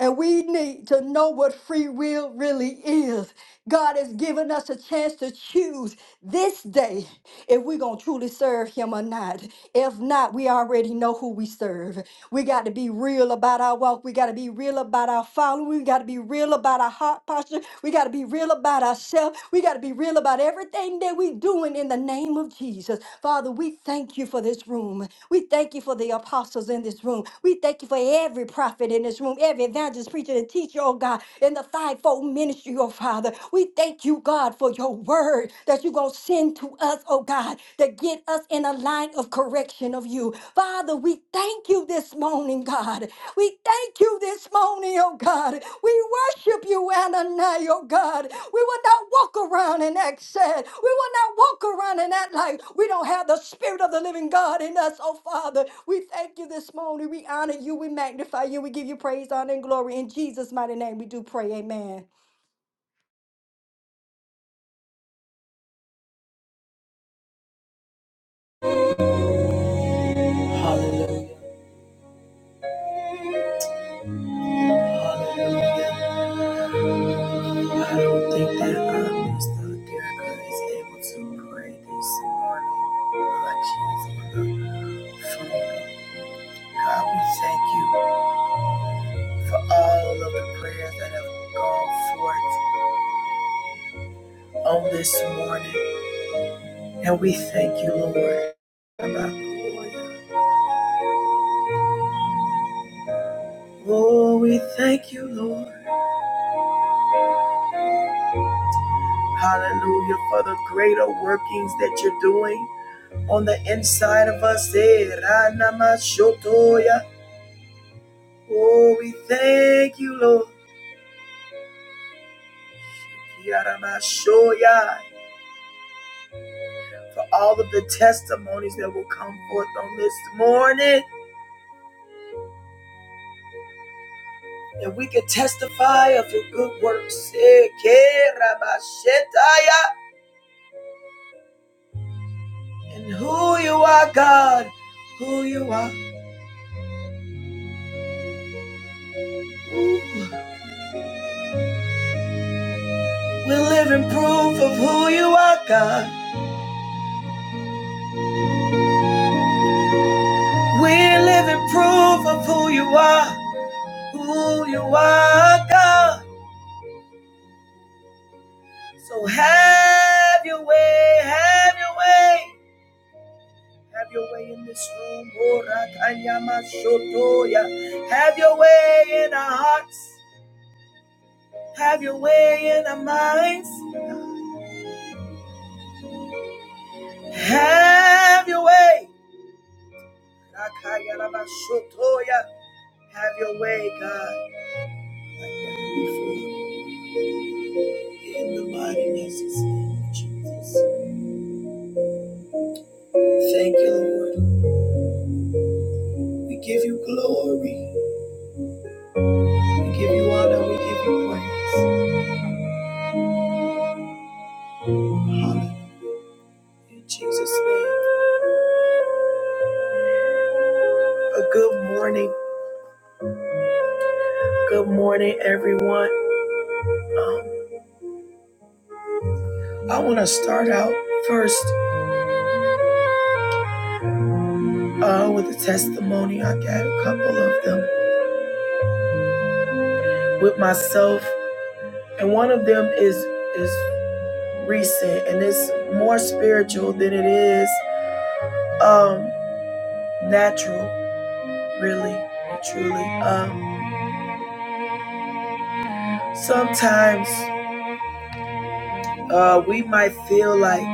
[SPEAKER 3] And we need to know what free will really is. God has given us a chance to choose this day if we're going to truly serve Him or not. If not, we already know who we serve. We got to be real about our walk. We got to be real about our following. We got to be real about our heart posture. We got to be real about ourselves. We got to be real about everything everything that we're doing in the name of Jesus. Father, we thank you for this room. We thank you for the apostles in this room. We thank you for every prophet in this room, every evangelist, preacher, and teacher, oh God, in the fivefold ministry, oh Father. We thank you, God, for your word that you're going to send to us, oh God, to get us in a line of correction of you. Father, we thank you this morning, God. We thank you this morning, oh God. We worship you, Ananias, oh God. We will not walk around in that sad. We will not walk around in that life. we don't have the spirit of the living God in us, oh Father. We thank you this morning. We honor you. We magnify you. We give you praise, honor, and glory. In Jesus' mighty name, we do pray. Amen.
[SPEAKER 1] Hallelujah. Hallelujah. I don't think that uh, Minister Derek is able to pray this morning. Like she's on the phone. God, we thank you for all of the prayers that have gone forth on this morning. And we thank you, Lord. Oh, we thank you, Lord. Hallelujah for the greater workings that you're doing on the inside of us. Eh, Oh, we thank you, Lord. For all of the testimonies that will come forth on this morning, that we can testify of your good works. Eh, And who you are, God, who you are. We live in proof of who you are, God. We're living proof of who you are, who you are, God. So have your way, have your way, have your way in this room. Have your way in our hearts, have your way in our minds, have your way. Have your way, God, like never before. In the mighty, matchless name of Jesus. Thank you, Lord. We give you glory. We give you honor. We give you praise. Hallelujah. In Jesus' name. A good morning. Good morning, everyone. Um, I want to start out first uh, with a testimony. I got a couple of them with myself, and one of them is is recent, and it's more spiritual than it is um, natural, really, truly. Um, sometimes uh, we might feel like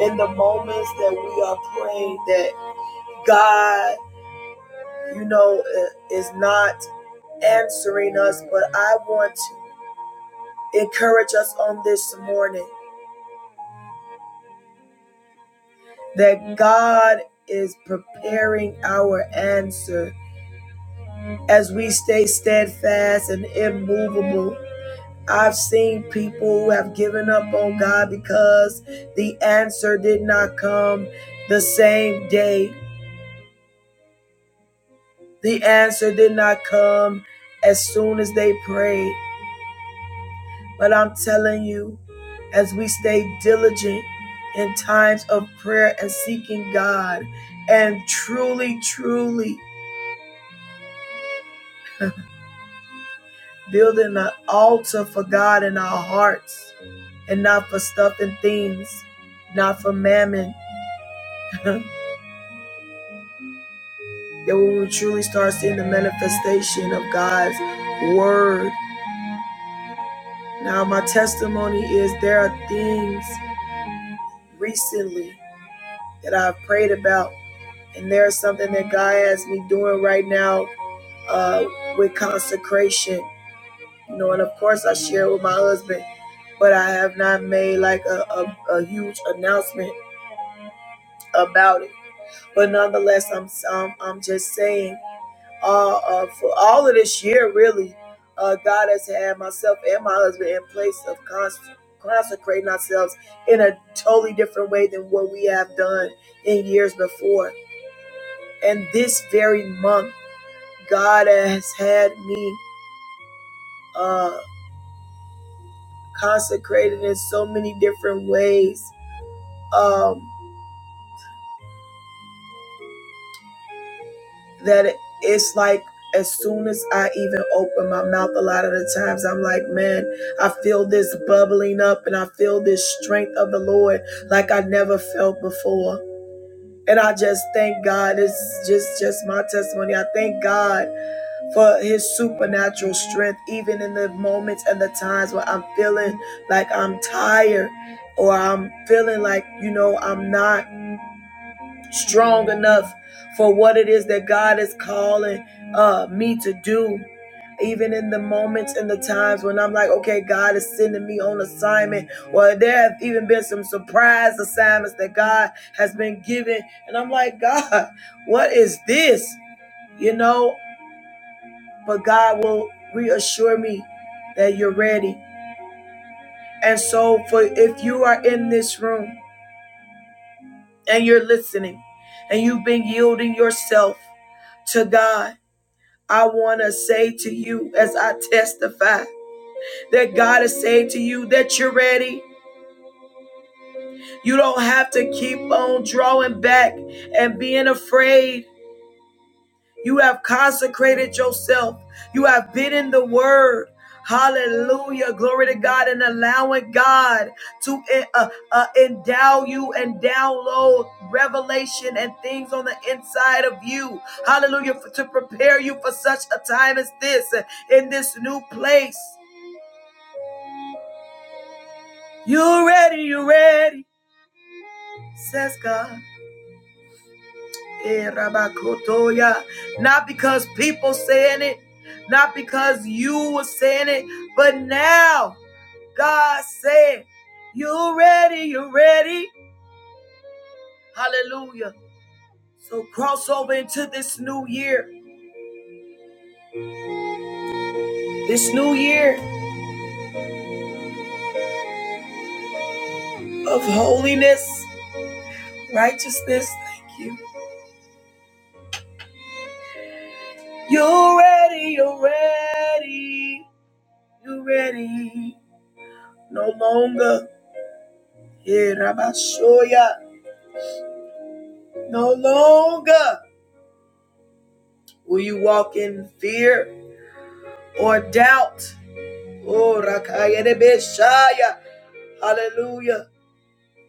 [SPEAKER 1] in the moments that we are praying that God, you know, is not answering us, but I want to encourage us on this morning that God is preparing our answer as we stay steadfast and immovable. I've seen people who have given up on God because the answer did not come the same day. The answer did not come as soon as they prayed, but I'm telling you, as we stay diligent in times of prayer and seeking God and truly, truly building an altar for God in our hearts and not for stuff and things, not for mammon, that we will truly start seeing the manifestation of God's word. Now, my testimony is there are things recently. that I've prayed about. And there's something that God has me doing right now uh, with consecration. You know, and of course I share with my husband, but I have not made like a, a, a huge announcement about it. But nonetheless, I'm I'm, I'm just saying uh, uh, for all of this year, really, uh, God has had myself and my husband in place of cons- consecrating ourselves in a totally different way than what we have done in years before And this very month, God has had me uh, consecrated in so many different ways um, that it- it's like as soon as I even open my mouth, a lot of the times I'm like, man, I feel this bubbling up and I feel this strength of the Lord like I never felt before. And I just thank God. It's just just my testimony. I thank God for his supernatural strength, even in the moments and the times where I'm feeling like I'm tired or I'm feeling like, you know, I'm not strong enough for what it is that God is calling uh, me to do. Even in the moments and the times when I'm like, okay, God is sending me on assignment, or there have even been some surprise assignments that God has been giving. And I'm like, God, what is this? You know, but God will reassure me that you're ready. And so, for if you are in this room and you're listening and you've been yielding yourself to God, I want to say to you as I testify that God is saying to you that you're ready. You don't have to keep on drawing back and being afraid You have consecrated yourself. You have been in the word. Hallelujah. Glory to God and allowing God to eh, uh, uh, endow you and download revelation and things on the inside of you. Hallelujah. to prepare you for such a time as this eh, in this new place. You ready? You ready? Says God. Eh, Rabakotoya. Not because people saying it, not because you were saying it, but now God said, You ready, you ready. Hallelujah. So cross over into this new year, this new year of holiness, righteousness. Thank you. You ready, you ready, you ready. No longer. Eh, Rabashoya. No longer. Will you walk in fear or doubt? Oh, Rakaya de Beshaya. Hallelujah.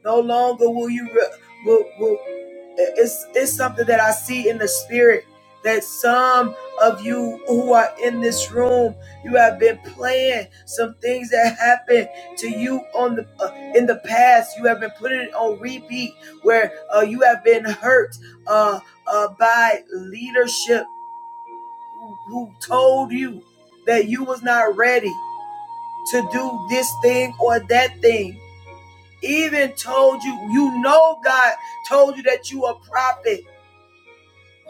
[SPEAKER 1] No longer will you. Re- will, will, it's, it's something that I see in the spirit that some of you who are in this room, you have been playing some things that happened to you on the uh, in the past. You have been putting it on repeat where uh, you have been hurt uh, uh, by leadership who told you that you was not ready to do this thing or that thing even told you you know god told you that you a prophet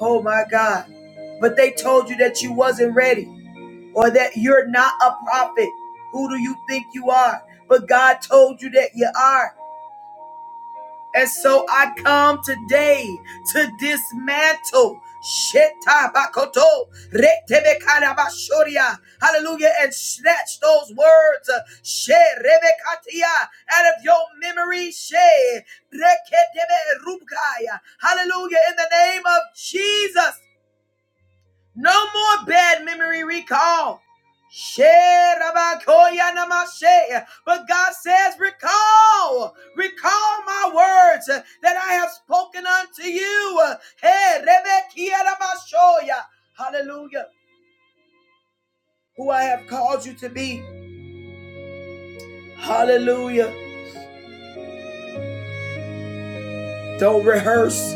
[SPEAKER 1] oh my god but they told you that you wasn't ready or that you're not a prophet who do you think you are but god told you that you are And so I come today to dismantle. Sheta retebekara bashoria. Hallelujah. And snatch those words. uh, out of your memory. She reketebe Hallelujah. In the name of Jesus. No more bad memory recall. Sherabakoyanamashe. But God says, Recall, recall my words uh, that I have spoken unto you. Uh, Hey, Rebekianamashoya. Hallelujah. Who I have called you to be. Hallelujah. Don't rehearse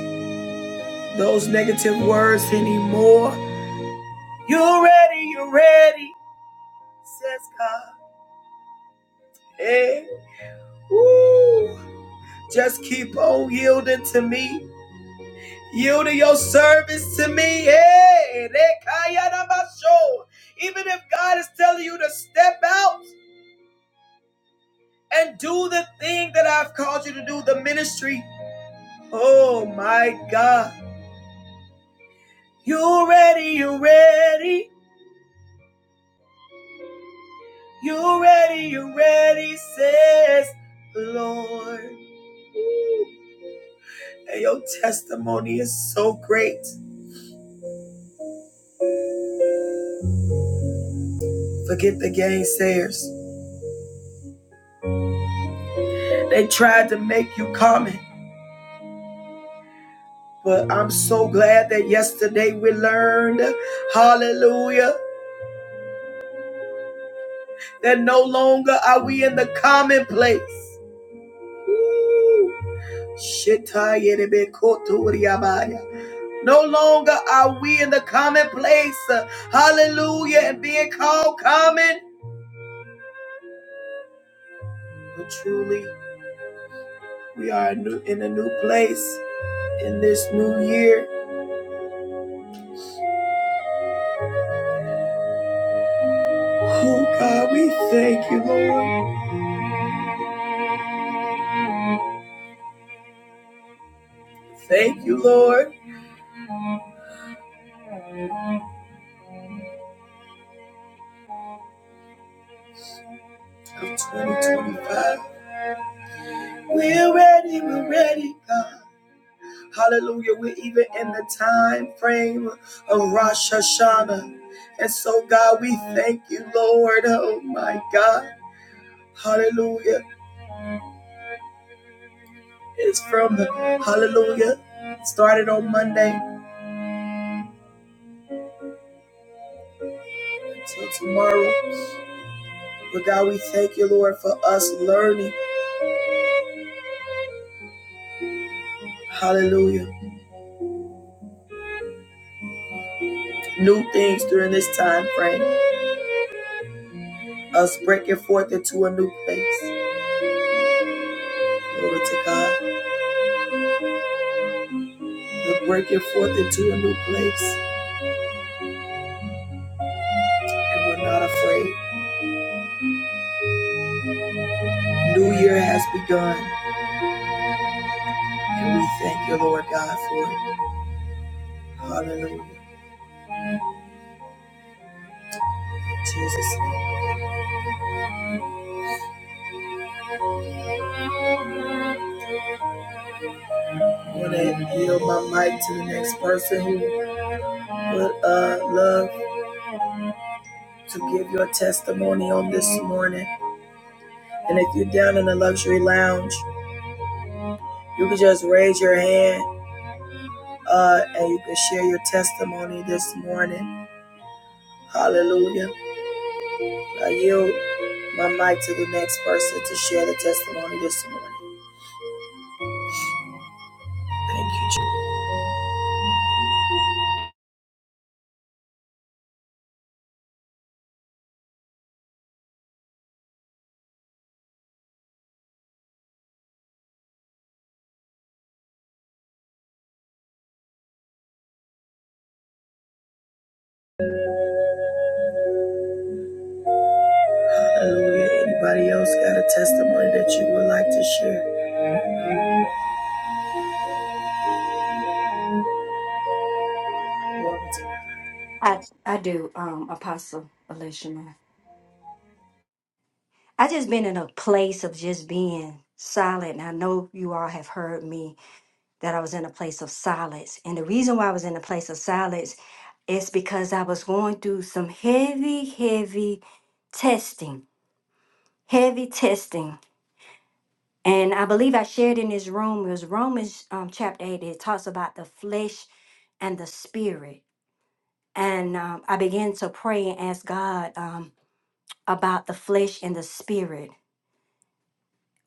[SPEAKER 1] those negative words anymore. You're ready, you're ready, says God. Hey, woo. Just keep on yielding to me. Yield to your service to me. Hey, rekayanamasho. Even if God is telling you to step out and do the thing that I've called you to do, the ministry. Oh my God. You ready, you ready, you ready, you ready, says the Lord. And your testimony is so great. Forget the gainsayers. They tried to make you common. But I'm so glad that yesterday we learned, hallelujah, that no longer are we in the commonplace. Woo. No longer are we in the commonplace, uh, hallelujah, and being called common. But truly, we are in a new place in this new year. Oh God, we thank you, Lord. Thank you, Lord, of 2025. We're ready, we're ready, God. Hallelujah. We're even in the time frame of Rosh Hashanah. And so, God, we thank you, Lord. Oh my God. Hallelujah. It's from the Hallelujah. Started on Monday until tomorrow. But God, we thank you, Lord, for us learning. Hallelujah. New things during this time frame. Us breaking forth into a new place. Glory to God. We're breaking forth into a new place. and we're not afraid. New year has begun, and we thank you, Lord God, for it. Hallelujah. Jesus. name. I'm going to yield my mic to the next person who would uh, love to give your testimony on this morning. And if you're down in the luxury lounge, you can just raise your hand uh, and you can share your testimony this morning. Hallelujah. I yield my mic to the next person to share the testimony this morning. Thank you. Hallelujah. Anybody else got a testimony that you would like to share? Glory to
[SPEAKER 3] I I do, um, Apostle Elishama. I just been in a place of just being silent. and I know you all have heard me that I was in a place of silence. And the reason why I was in a place of silence is because I was going through some heavy, heavy testing, heavy testing. And I believe I shared in this room, it was Romans um, chapter 8, it talks about the flesh and the spirit. And um, I began to pray and ask God um, about the flesh and the spirit.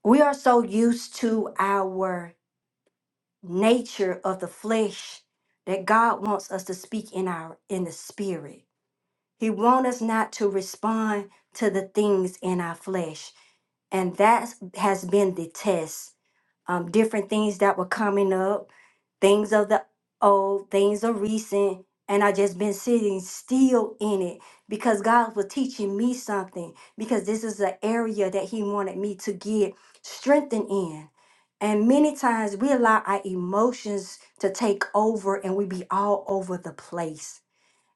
[SPEAKER 3] We are so used to our nature of the flesh that God wants us to speak in our in the spirit. He wants us not to respond to the things in our flesh. And that has been the test um, different things that were coming up, things of the old, things of recent, and I just been sitting still in it because God was teaching me something because this is an area that He wanted me to get strengthened in. And many times we allow our emotions to take over and we be all over the place.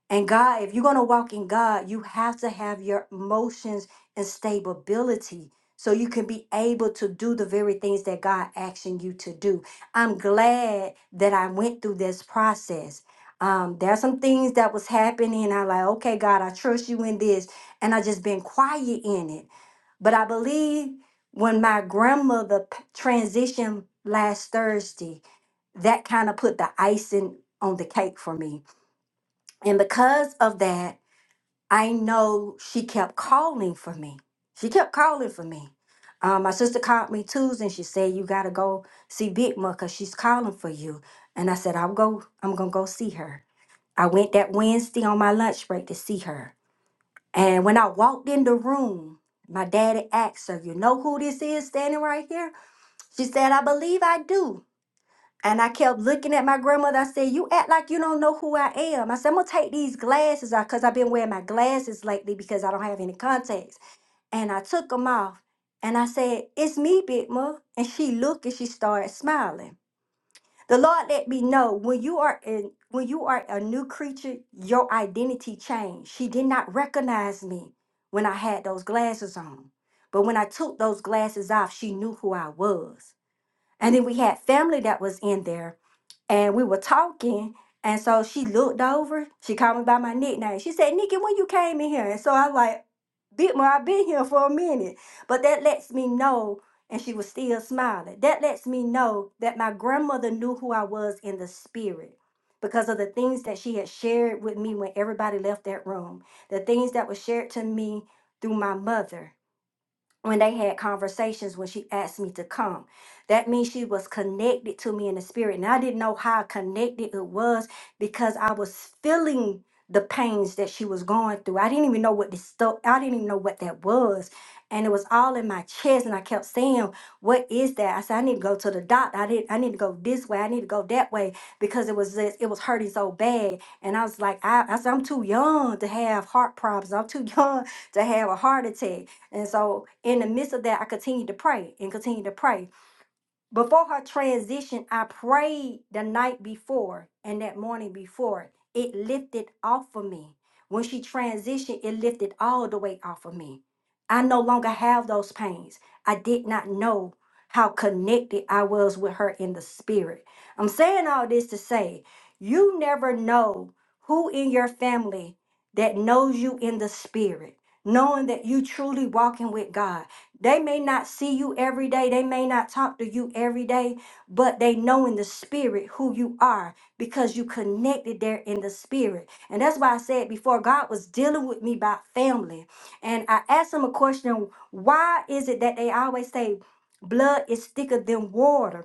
[SPEAKER 3] And God, if you're going to walk in God, you have to have your emotions and stability so you can be able to do the very things that God asking you to do. I'm glad that I went through this process. Um, there's some things that was happening, and I'm like, okay, God, I trust you in this, and I just been quiet in it. But I believe when my grandmother p- transitioned last Thursday, that kind of put the icing on the cake for me. And because of that, I know she kept calling for me. She kept calling for me. Um, my sister called me Tuesday and she said, You gotta go see Big Ma because she's calling for you. And I said, I'll go, I'm gonna go see her. I went that Wednesday on my lunch break to see her. And when I walked in the room, my daddy asked her, You know who this is standing right here? She said, I believe I do. And I kept looking at my grandmother. I said, You act like you don't know who I am. I said, I'm going to take these glasses off because I've been wearing my glasses lately because I don't have any contacts. And I took them off and I said, It's me, Big Ma. And she looked and she started smiling. The Lord let me know when you are in when you are a new creature, your identity changed. She did not recognize me when I had those glasses on. But when I took those glasses off, she knew who I was. And then we had family that was in there and we were talking. And so she looked over. She called me by my nickname. She said, "Nikki, when you came in here?" And so I like, "Bitma, I've been here for a minute." But that lets me know. And she was still smiling. That lets me know that my grandmother knew who I was in the spirit because of the things that she had shared with me when everybody left that room, the things that were shared to me through my mother when they had conversations when she asked me to come. That means she was connected to me in the spirit. And I didn't know how connected it was because I was feeling the pains that she was going through. I didn't even know what this stuff, I didn't even know what that was. And it was all in my chest. And I kept saying, What is that? I said, I need to go to the doctor. I did I need to go this way. I need to go that way. Because it was just, it was hurting so bad. And I was like, I, I said, I'm too young to have heart problems. I'm too young to have a heart attack and so in the midst of that, I continued to pray and continued to pray. Before her transition, I prayed the night before and that morning before. It lifted off of me. When she transitioned, it lifted all the way off of me. I no longer have those pains. I did not know how connected I was with her in the spirit. I'm saying all this to say you never know who in your family that knows you in the spirit, knowing that you truly walking with God. They may not see you every day, they may not talk to you every day, but they know in the spirit who you are because you connected there in the spirit. And that's why I said before God was dealing with me about family. And I asked him a question why is it that they always say blood is thicker than water?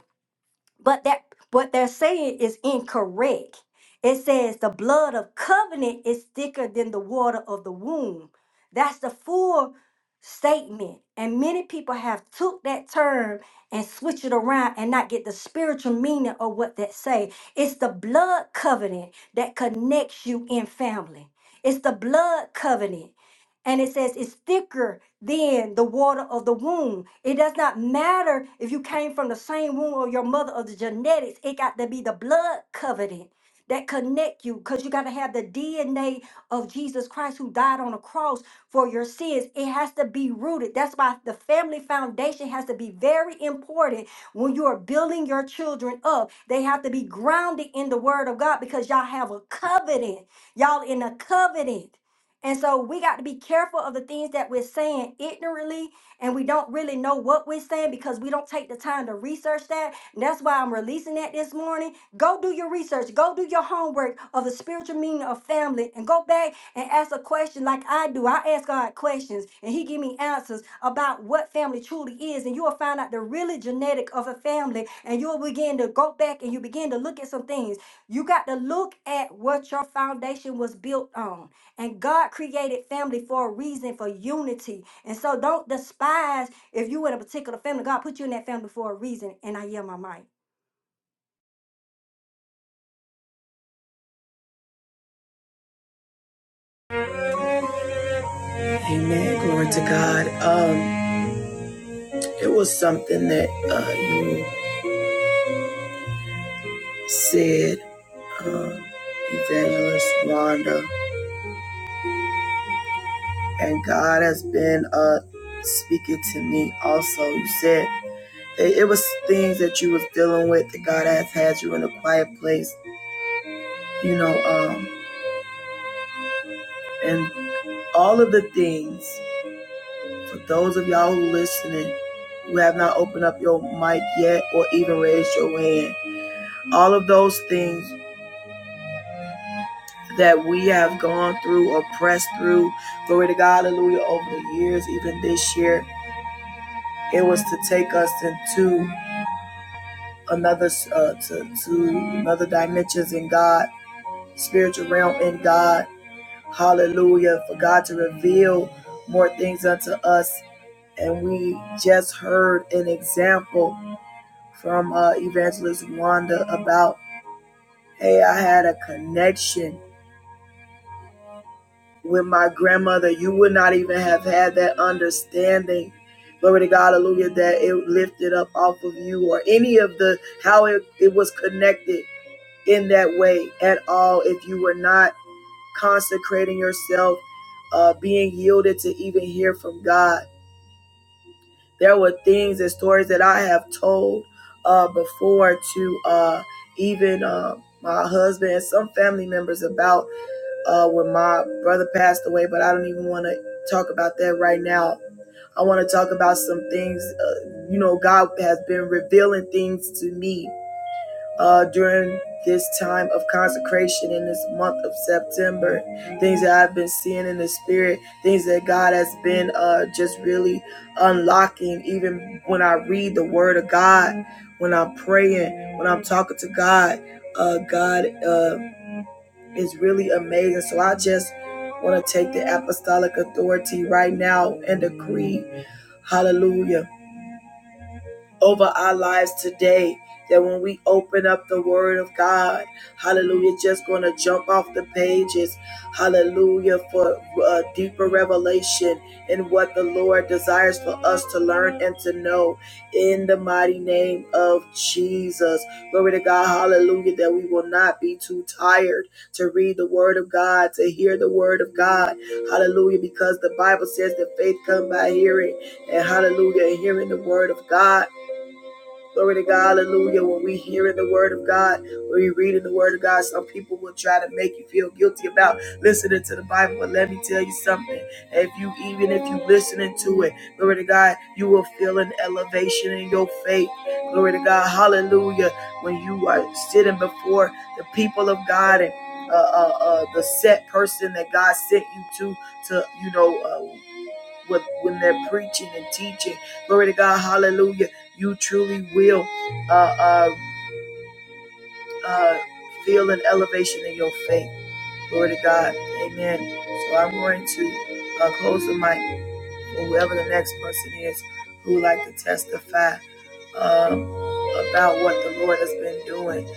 [SPEAKER 3] but that what they're saying is incorrect. It says the blood of covenant is thicker than the water of the womb. That's the full statement. And many people have took that term and switch it around and not get the spiritual meaning of what that say. It's the blood covenant that connects you in family. It's the blood covenant and it says it's thicker than the water of the womb. It does not matter if you came from the same womb or your mother or the genetics. It got to be the blood covenant that connect you because you got to have the DNA of Jesus Christ who died on the cross for your sins. It has to be rooted. That's why the family foundation has to be very important when you are building your children up. They have to be grounded in the word of God because y'all have a covenant. Y'all in a covenant. And so we got to be careful of the things that we're saying ignorantly, and we don't really know what we're saying because we don't take the time to research that. And that's why I'm releasing that this morning. Go do your research, go do your homework of the spiritual meaning of family, and go back and ask a question like I do. I ask God questions, and He give me answers about what family truly is, and you will find out the really genetic of a family, and you'll begin to go back and you begin to look at some things. You got to look at what your foundation was built on. And God created family for a reason, for unity. And so don't despise if you in a particular family. God put you in that family for a reason. And I yell my mic.
[SPEAKER 1] God. Amen. Glory to God. Um, it was something that uh, you said, um, Evangelist Wanda, and God has been uh, speaking to me also. You said that it was things that you was dealing with that God has had you in a quiet place, you know, um, and all of the things. For those of y'all who listening who have not opened up your mic yet or even raised your hand, all of those things that we have gone through or pressed through, glory to God, hallelujah, over the years, even this year, it was to take us into another uh, to, to another dimensions in God, spiritual realm in God, hallelujah, for God to reveal more things unto us. And we just heard an example from uh, Evangelist Wanda about, hey, I had a connection with my grandmother. You would not even have had that understanding. Glory to God, hallelujah, that it lifted up off of you or any of the, how it, it was connected in that way at all if you were not consecrating yourself, uh, being yielded to even hear from God. There were things and stories that I have told uh, before to uh, even uh, my husband and some family members about uh, when my brother passed away, but I don't even want to talk about that right now. I want to talk about some things. Uh, you know, God has been revealing things to me uh, during this time of consecration in this month of September. Things that I've been seeing in the spirit, things that God has been uh, just really unlocking, even when I read the word of God, when I'm praying, when I'm talking to God. Uh, God uh, is really amazing. So I just want to take the apostolic authority right now and decree, hallelujah over our lives today. That when we open up the Word of God, hallelujah, just going to jump off the pages, hallelujah, for uh, deeper revelation in what the Lord desires for us to learn and to know in the mighty name of Jesus. Glory to God, hallelujah, that we will not be too tired to read the Word of God, to hear the Word of God, hallelujah, because the Bible says that faith comes by hearing, and hallelujah, hearing the Word of God. Glory to God, hallelujah. When we hearing the word of God, when we reading the word of God, some people will try to make you feel guilty about listening to the Bible. But let me tell you something. If you even if you listening to it, glory to God, you will feel an elevation in your faith. Glory to God, hallelujah. When you are sitting before the people of God and uh, uh, uh, the set person that God sent you to, to you know, uh, with when they're preaching and teaching. Glory to God, hallelujah. You truly will uh, uh, uh, feel an elevation in your faith. Glory to God, amen. So I'm going to uh, close the mic for whoever the next person is who would like to testify um, about what the Lord has been doing.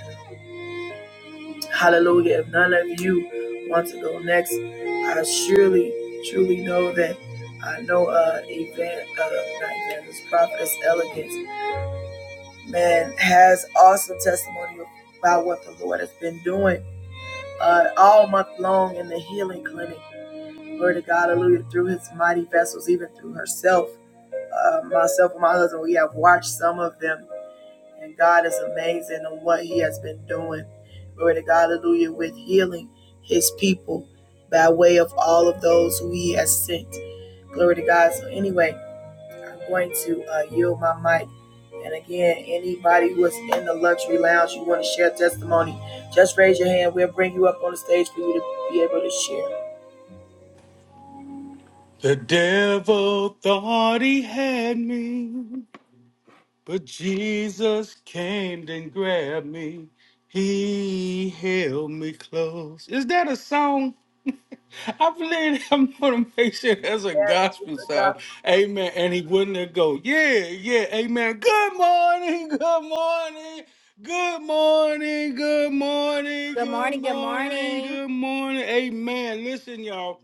[SPEAKER 1] Hallelujah. If none of you want to go next, I surely, truly know that I know uh, Evan, uh, not Evangelist, Prophetess Elegance, man, has awesome testimony about what the Lord has been doing uh, all month long in the healing clinic. Glory to God, hallelujah, through his mighty vessels, even through herself. Uh, myself and my husband, we have watched some of them and God is amazing on what He has been doing. Glory to God, hallelujah, with healing His people by way of all of those who He has sent. Glory to God. So, anyway, I'm going to uh, yield my mic. And again, anybody who is in the luxury lounge, you want to share testimony, just raise your hand. We'll bring you up on the stage for you to be able to share.
[SPEAKER 2] The devil thought he had me, but Jesus came and grabbed me. He held me close. Is that a song? I believe that motivation as a
[SPEAKER 1] Yes,
[SPEAKER 2] gospel song. Amen. And he wouldn't let go. Yeah, yeah. Amen. Good morning. Good morning. Good morning. Good morning.
[SPEAKER 3] Good
[SPEAKER 2] Good
[SPEAKER 3] morning. Good
[SPEAKER 2] morning.
[SPEAKER 3] morning.
[SPEAKER 2] Good morning. Amen. Listen, y'all.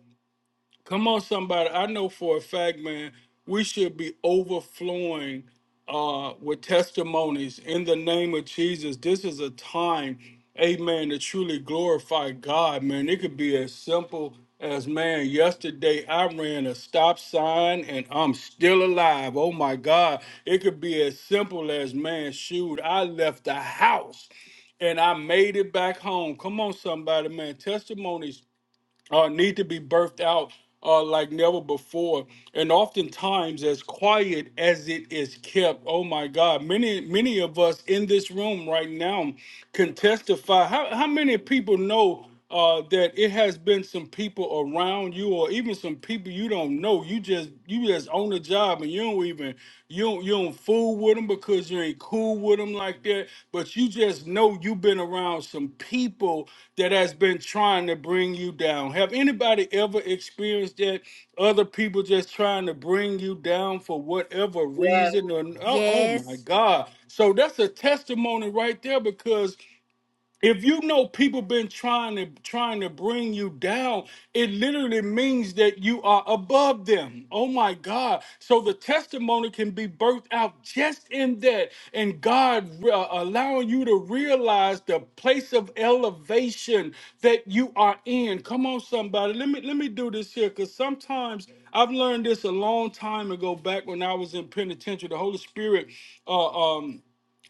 [SPEAKER 2] Come on, somebody. I know for a fact, man, we should be overflowing uh, with testimonies in the name of Jesus. This is a time, amen, to truly glorify God, man. It could be as simple as, man, yesterday I ran a stop sign and I'm still alive. Oh my God. It could be as simple as, man, shoot, I left the house and I made it back home. Come on, somebody, man. Testimonies uh, need to be birthed out uh, like never before. And oftentimes, as quiet as it is kept, oh my God, many many of us in this room right now can testify. How how many people know? Uh, that it has been some people around you or even some people you don't know you just you just own a job and you don't even even you don't, you don't fool with them because you ain't cool with them like that. But you just know you've been around some people that has been trying to bring you down. Have anybody ever experienced that? Other people just trying to bring you down for whatever
[SPEAKER 1] Yes,
[SPEAKER 2] reason or oh, oh my
[SPEAKER 3] Yes.
[SPEAKER 2] God. So that's a testimony right there because if you know people been trying to trying to bring you down it literally means that you are above them oh my god so the testimony can be birthed out just in that and god uh, allowing you to realize the place of elevation that you are in come on somebody let me let me do this here because sometimes i've learned this a long time ago back when i was in penitentiary the holy spirit uh, um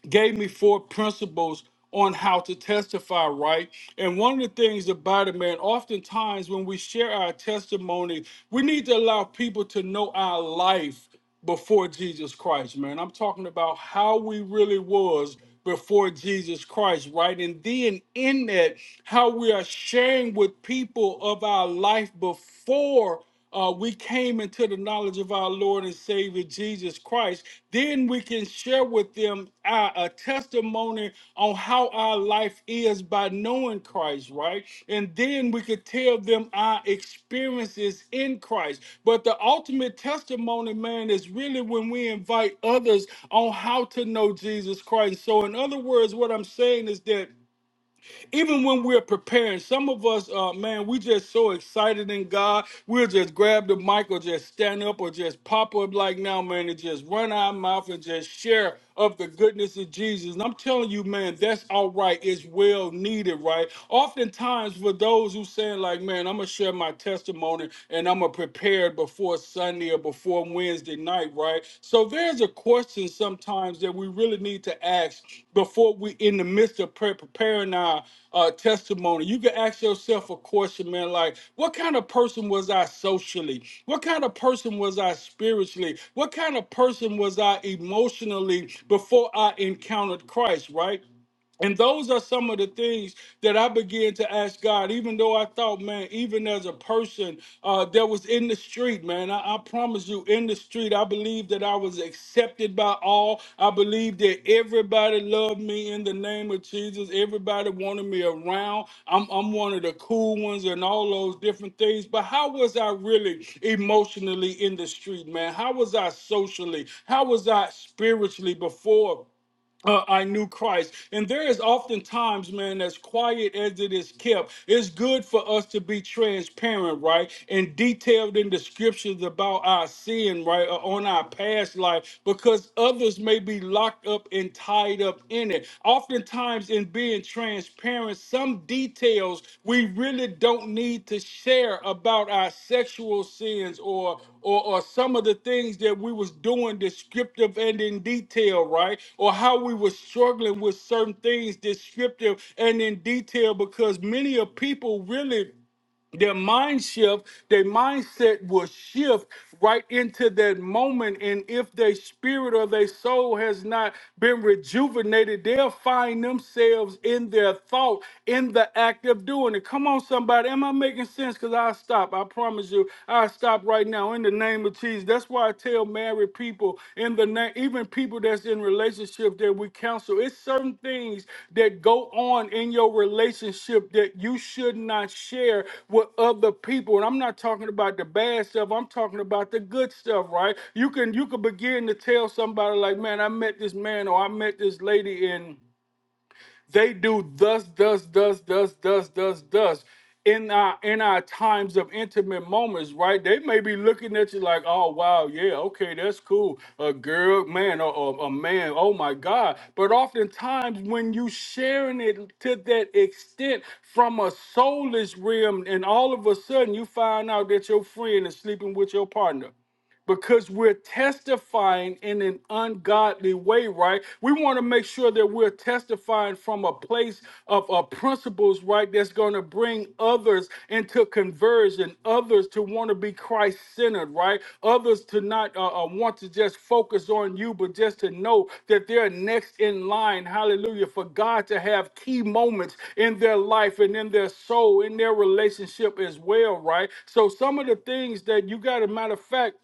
[SPEAKER 2] gave me four principles on how to testify right. And one of the things about it, man, oftentimes when we share our testimony, we need to allow people to know our life before Jesus Christ, man. I'm talking about how we really was before Jesus Christ, right? And then in that, how we are sharing with people of our life before uh, we came into the knowledge of our Lord and Savior Jesus Christ, then we can share with them our, a testimony on how our life is by knowing Christ, right? And then we could tell them our experiences in Christ. But the ultimate testimony, man, is really when we invite others on how to know Jesus Christ. So, in other words, what I'm saying is that even when we're preparing, some of us, uh, man, we just so excited in God, we'll just grab the mic or just stand up or just pop up like now, man, and just run our mouth and just share of the goodness of Jesus. And I'm telling you, man, that's all right. It's well needed, right? Oftentimes, for those who saying like, man, I'm gonna share my testimony and I'm gonna prepare before Sunday. Sunday or before Wednesday night, right? So there's a question sometimes that we really need to ask before we in the midst of pre- preparing our uh, testimony. You can ask yourself a question, man, like, what kind of person was I socially? What kind of person was I spiritually? What kind of person was I emotionally before I encountered Christ, right? And those are some of the things that I began to ask God, even though I thought, man, even as a person uh, that was in the street, man, I, I promise you, in the street, I believe that I was accepted by all. I believe that everybody loved me in the name of Jesus. Everybody wanted me around. I'm, I'm one of the cool ones and all those different things. But how was I really emotionally in the street, man? How was I socially? How was I spiritually before? uh, I knew Christ. And there is oftentimes, man, as quiet as it is kept, it's good for us to be transparent, right? And detailed in the scriptures about our sin, right? Or on our past life, because others may be locked up and tied up in it. Oftentimes, in being transparent, as parents some details we really don't need to share about our sexual sins or or, or some of the things that we was doing descriptive and in detail right or how we were struggling with certain things descriptive and in detail because many of people really their mind shift, their mindset will shift right into that moment. And if their spirit or their soul has not been rejuvenated, they'll find themselves in their thought, in the act of doing it. Come on, somebody. Am I making sense? Because I'll stop. I promise you, I'll stop right now in the name of Jesus. That's why I tell tell married people in the name, even people that's in relationship that we counsel. It's certain things that go on in your relationship that you should not share with other people. And I'm not talking about the bad stuff. I'm talking about the good stuff, right? You can you can begin to tell somebody like, man, I met this man or I met this lady in they do thus, thus, thus, thus, thus, thus, thus. In our in our times of intimate moments, right? They may be looking at you like, "Oh wow, yeah, okay, that's cool." A girl, man, or, or a man. Oh my God! But oftentimes, when you sharing it to that extent from a soulless realm, and all of a sudden you find out that your friend is sleeping with your partner because we're testifying in an ungodly way, right? We want to make sure that we're testifying from a place of uh, principles, right? That's going to bring others into conversion, others to want to be Christ centered, right? Others to not uh, uh, want to just focus on you, but just to know that they're next in line, hallelujah, for God to have key moments in their life and in their soul, in their relationship as well, right? So, some of the things that you got a matter of fact,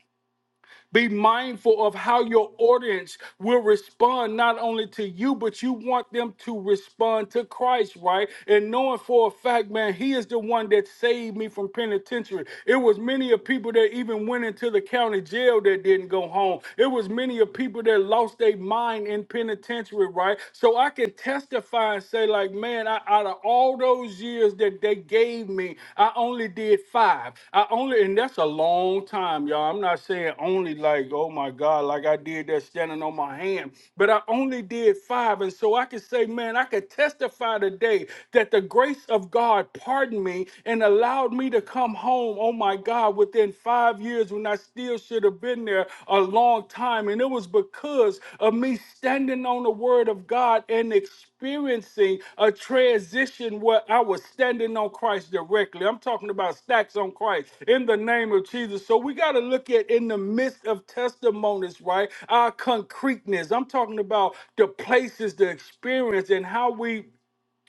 [SPEAKER 2] be mindful of how your audience will respond not only to you, but you want them to respond to Christ, right? And knowing for a fact, man, He is the one that saved me from penitentiary. It was many of people that even went into the county jail that didn't go home. It was many of people that lost their mind in penitentiary, right? So I can testify and say, like, man, I. I, out of all those years that they gave me, I only did five. I only, and that's a long time, y'all. I'm not saying only like, oh my God, like I did that standing on my hand, but I only did five. And so I can say, man, I could testify today that the grace of God pardoned me and allowed me to come home, oh my God, within five years when I still should have been there a long time. And it was because of me standing on the word of God and expecting experiencing a transition where I was standing on Christ directly. I'm talking about stacks on Christ in the name of Jesus. So we got to look at in the midst of testimonies, right? Our concreteness. I'm talking about the places, the experience, and how we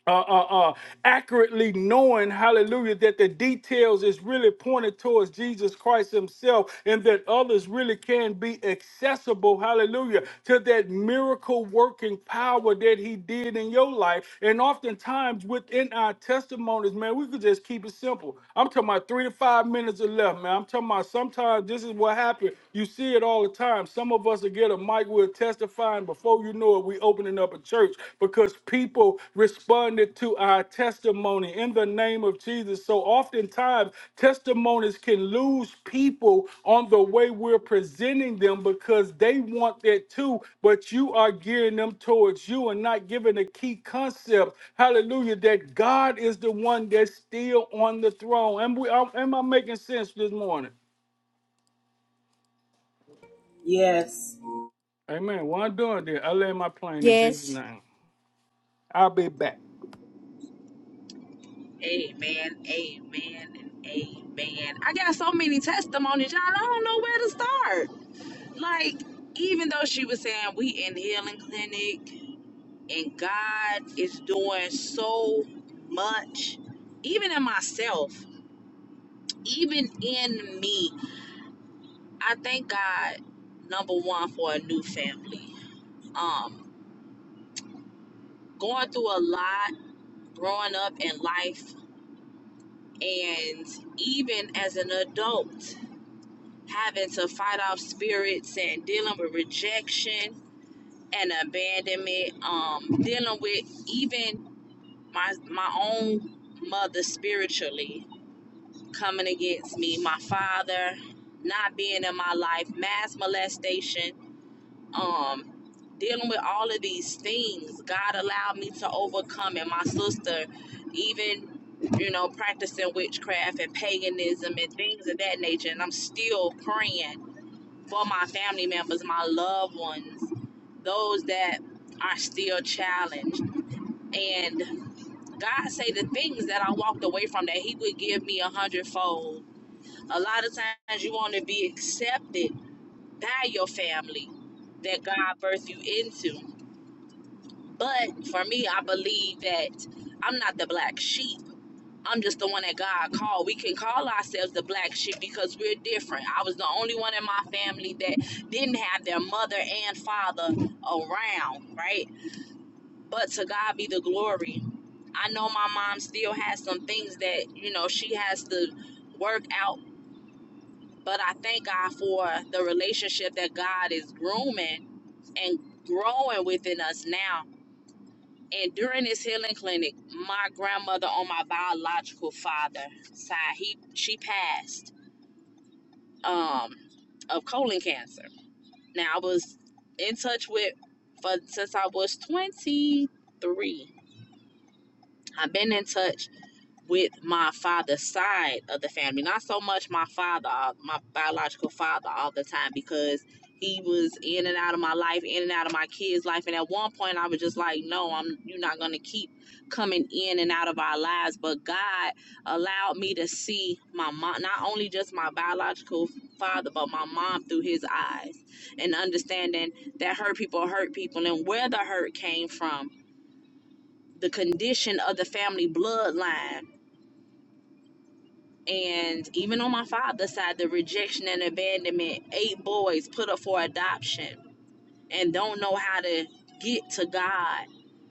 [SPEAKER 2] uh, uh, uh, accurately knowing, hallelujah, that the details is really pointed towards Jesus Christ Himself and that others really can be accessible, hallelujah, to that miracle working power that He did in your life. And oftentimes within our testimonies, man, we could just keep it simple. I'm talking about three to five minutes or left, man. I'm talking about sometimes this is what happens. You see it all the time. Some of us will get a mic, with testifying. Before you know it, we opening up a church because people responded to our testimony in the name of Jesus. So oftentimes testimonies can lose people on the way we're presenting them because they want that too, but you are gearing them towards you and not giving a key concept. Hallelujah, that God is the one that's still on the throne. And we am am I making sense this morning?
[SPEAKER 1] Yes.
[SPEAKER 2] Amen. Well, I'm doing that. I land my plane in Jesus'
[SPEAKER 3] Yes.
[SPEAKER 2] name. I'll be back.
[SPEAKER 4] Amen, amen, and amen. I got so many testimonies, y'all. I don't know where to start. Like, even though she was saying we in healing clinic and God is doing so much, even in myself, even in me, I thank God number one for a new family. Um, going through a lot growing up in life and even as an adult. having to fight off spirits and dealing with rejection and abandonment um dealing with even my my own mother spiritually coming against me my father not being in my life mass molestation um dealing with all of these things god allowed me to overcome and my sister even you know practicing witchcraft and paganism and things of that nature and i'm still praying for my family members, my loved ones, those that are still challenged. And God say the things that I walked away from that He would give me a hundredfold. A lot of times you want to be accepted by your family that God birthed you into. But for me, I believe that I'm not the black sheep. I'm just the one that God called. We can call ourselves the black sheep because we're different. I was the only one in my family that didn't have their mother and father around, right? But to God be the glory. I know my mom still has some things that, you know, she has to work out, but I thank God for the relationship that God is grooming and growing within us now and during this healing clinic, my grandmother on my biological father side, he she passed um of colon cancer. Now I was in touch with for since I was 23. I've been in touch with my father's side of the family. Not so much my father, uh, my biological father, all the time because he was in and out of my life, in and out of my kids' life. And at one point, I was just like, "No, I'm. You're not gonna keep coming in and out of our lives." But God allowed me to see my mom, not only just my biological father, but my mom through His eyes, and understanding that hurt people hurt people, and where the hurt came from, the condition of the family bloodline and even on my father's side, the rejection and abandonment, eight boys put up for adoption and don't know how to get to God.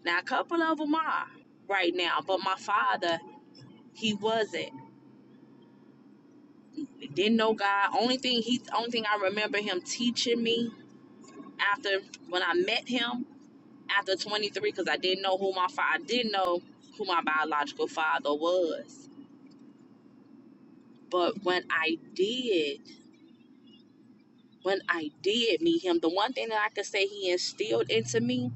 [SPEAKER 4] Now, a couple of them are right now, but my father, he wasn't. He didn't know God. Only thing he, only thing I remember him teaching me after when I met him after 23, because I didn't know who my father, I didn't know who my biological father was. But when I did when I did meet him, the one thing that I could say he instilled into me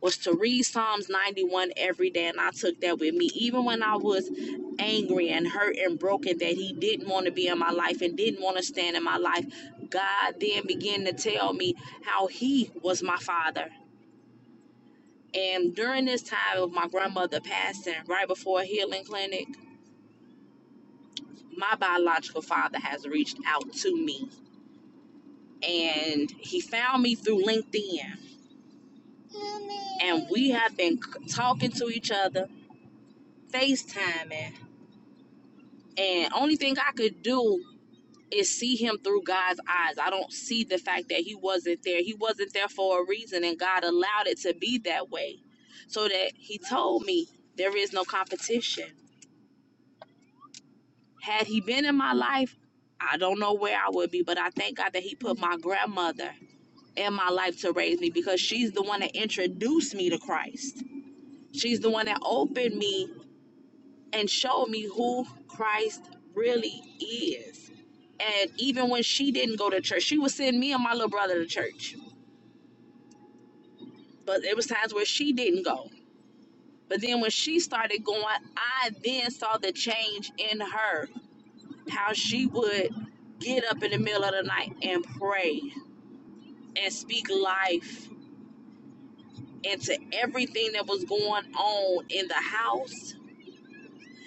[SPEAKER 4] was to read Psalms 91 every day. And I took that with me, even when I was angry and hurt and broken that he didn't want to be in my life and didn't want to stand in my life. God then began to tell me how he was my father. And during this time of my grandmother passing, right before a healing clinic, my biological father has reached out to me and he found me through LinkedIn and we have been talking to each other, FaceTiming, and only thing I could do is see him through God's eyes. I don't see the fact that he wasn't there. He wasn't there for a reason, and God allowed it to be that way so that he told me there is no competition. Had he been in my life, I don't know where I would be, but I thank God that he put my grandmother in my life to raise me because she's the one that introduced me to Christ. She's the one that opened me and showed me who Christ really is. And even when she didn't go to church, she would send me and my little brother to church. But there was times where she didn't go. But then when she started going, I then saw the change in her, how she would get up in the middle of the night and pray and speak life into everything that was going on in the house.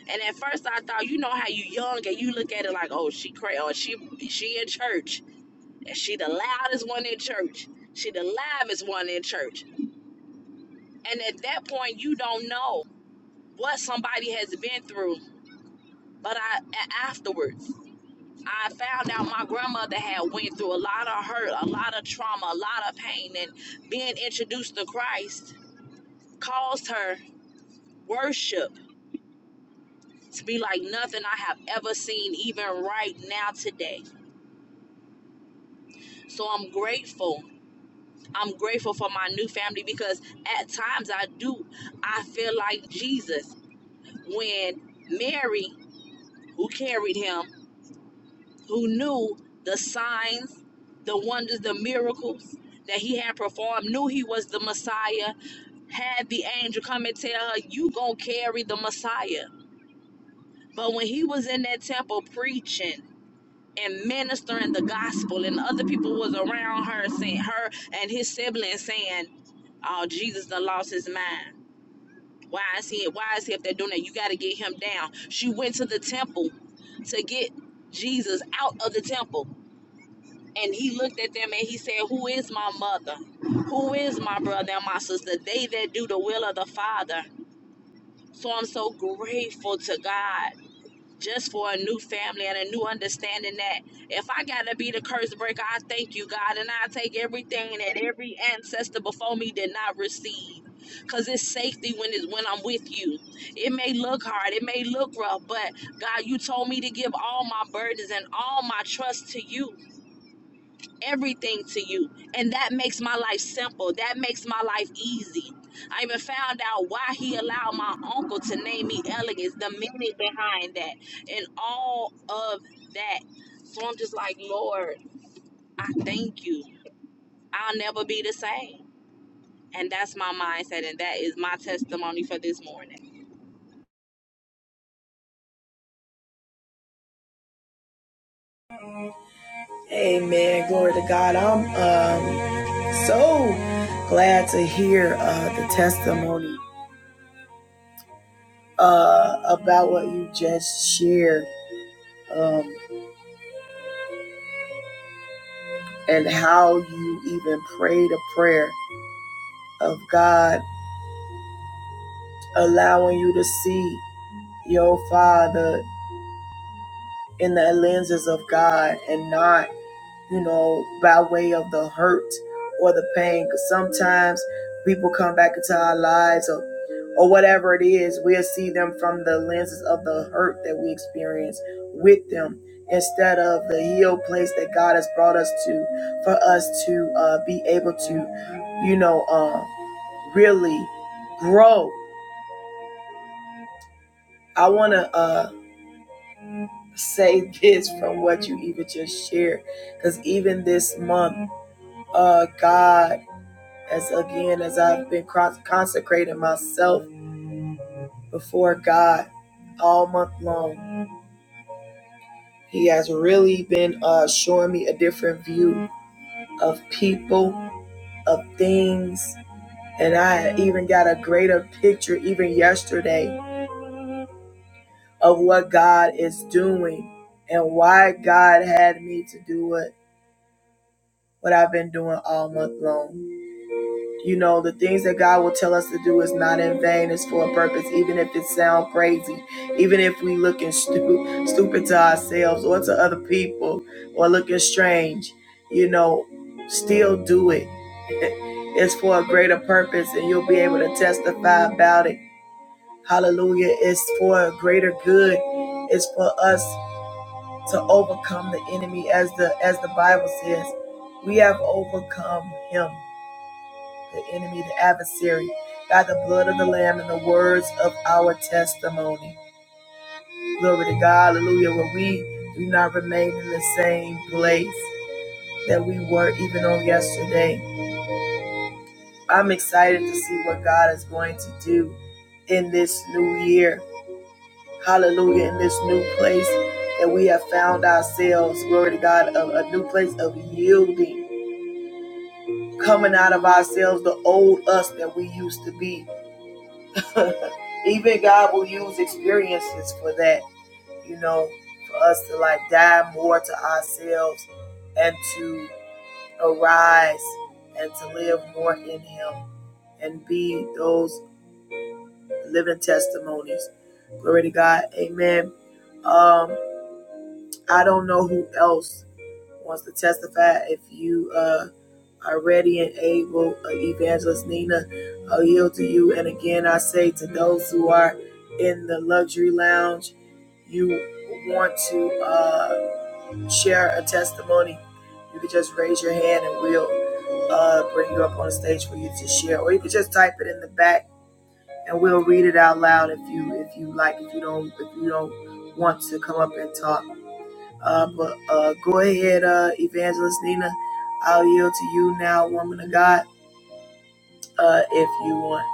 [SPEAKER 4] And at first I thought, you know how you young and you look at it like, oh, she crazy, oh, she she in church And she the loudest one in church. She the loudest one in church. And at that point, you don't know what somebody has been through. But I, afterwards, I found out my grandmother had went through a lot of hurt, a lot of trauma, a lot of pain, and being introduced to Christ caused her worship to be like nothing I have ever seen, even right now today. So I'm grateful I'm grateful for my new family because at times I do, I feel like Jesus when Mary, who carried him, who knew the signs, the wonders, the miracles that he had performed, knew he was the Messiah, had the angel come and tell her, You gonna carry the Messiah. But when he was in that temple preaching, and ministering the gospel and other people was around her saying her and his siblings saying oh jesus done lost his mind why is he why is he up there doing that you got to get him down she went to the temple to get jesus out of the temple and he looked at them and he said who is my mother who is my brother and my sister they that do the will of the father so i'm so grateful to god just for a new family and a new understanding that if I gotta be the curse breaker, I thank you, God, and I take everything that every ancestor before me did not receive. Cause it's safety when it's when I'm with you. It may look hard, it may look rough, but God, you told me to give all my burdens and all my trust to you everything to you. And that makes my life simple. That makes my life easy. I even found out why he allowed my uncle to name me Elegance, the meaning behind that, and all of that. So I'm just like, Lord, I thank you. I'll never be the same. And that's my mindset, and that is my testimony for this morning.
[SPEAKER 1] Amen. Glory to God. I'm um, so glad to hear uh, the testimony uh, about what you just shared um, and how you even prayed a prayer of God allowing you to see your Father in the lenses of God and not you know, by way of the hurt or the pain, because sometimes people come back into our lives or, or whatever it is, we'll see them from the lenses of the hurt that we experience with them instead of the healed place that God has brought us to for us to uh, be able to, you know, uh, really grow. I want to uh, say this from what you even just shared because even this month, uh, God. as again as I've been consecrating myself before God all month long. He has really been uh, showing me a different view of people, of things, and I even got a greater picture even yesterday of what God is doing and why God had me to do it what I've been doing all month long. You know, the things that God will tell us to do is not in vain, it's for a purpose, even if it sounds crazy, even if we looking stu- stupid to ourselves or to other people or looking strange, you know, still do it. It's for a greater purpose and you'll be able to testify about it. Hallelujah. It's for a greater good. It's for us to overcome the enemy as the as the Bible says. We have overcome him the enemy, the adversary, by the blood of the Lamb and the words of our testimony. Glory to God, hallelujah, where we do not remain in the same place that we were even on yesterday. I'm excited to see what God is going to do in this new year. Hallelujah, in this new place that we have found ourselves. Glory to God, a, a new place of yielding, coming out of ourselves, the old us that we used to be. Even God will use experiences for that, you know, for us to like die more to ourselves and to arise and to live more in Him and be those living testimonies. Glory to God. Amen. Um, I don't know who else wants to testify. If you uh are ready and able. Uh, Evangelist Nina, I yield to you. And again, I say to those who are in the luxury lounge, you want to uh, share a testimony, you can just raise your hand and we'll uh, bring you up on the stage for you to share. Or you can just type it in the back and we'll read it out loud if you if you like. If you don't if you don't want to come up and talk, uh, but uh, go ahead, uh, Evangelist Nina. I'll yield to you now, woman of God uh, if you want,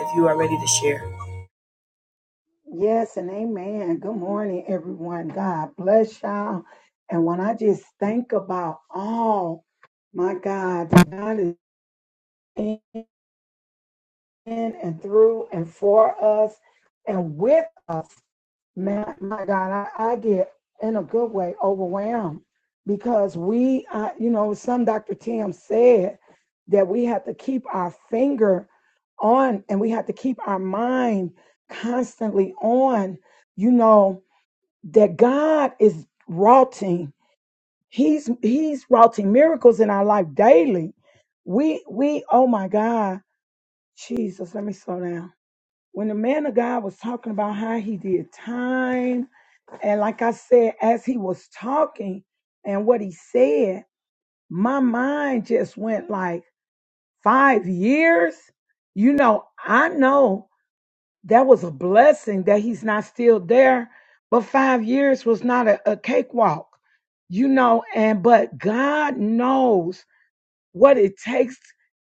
[SPEAKER 1] if you are ready to share.
[SPEAKER 5] Yes, and amen. Good morning, everyone. God bless y'all. And when I just think about all, my God, that God is in and through and for us and with us, man, my God, I, I get in a good way overwhelmed because we, uh, you know, some Dr. Tim said that we have to keep our finger on and we have to keep our mind constantly on, you know that God is routing. He's He's routing miracles in our life daily. We we oh my God, Jesus, let me slow down. When the man of God was talking about how he did time, and like I said, as he was talking and what he said, my mind just went like five years. You know, I know That was a blessing that he's not still there. But five years was not a, a cakewalk, you know. And but God knows what it takes,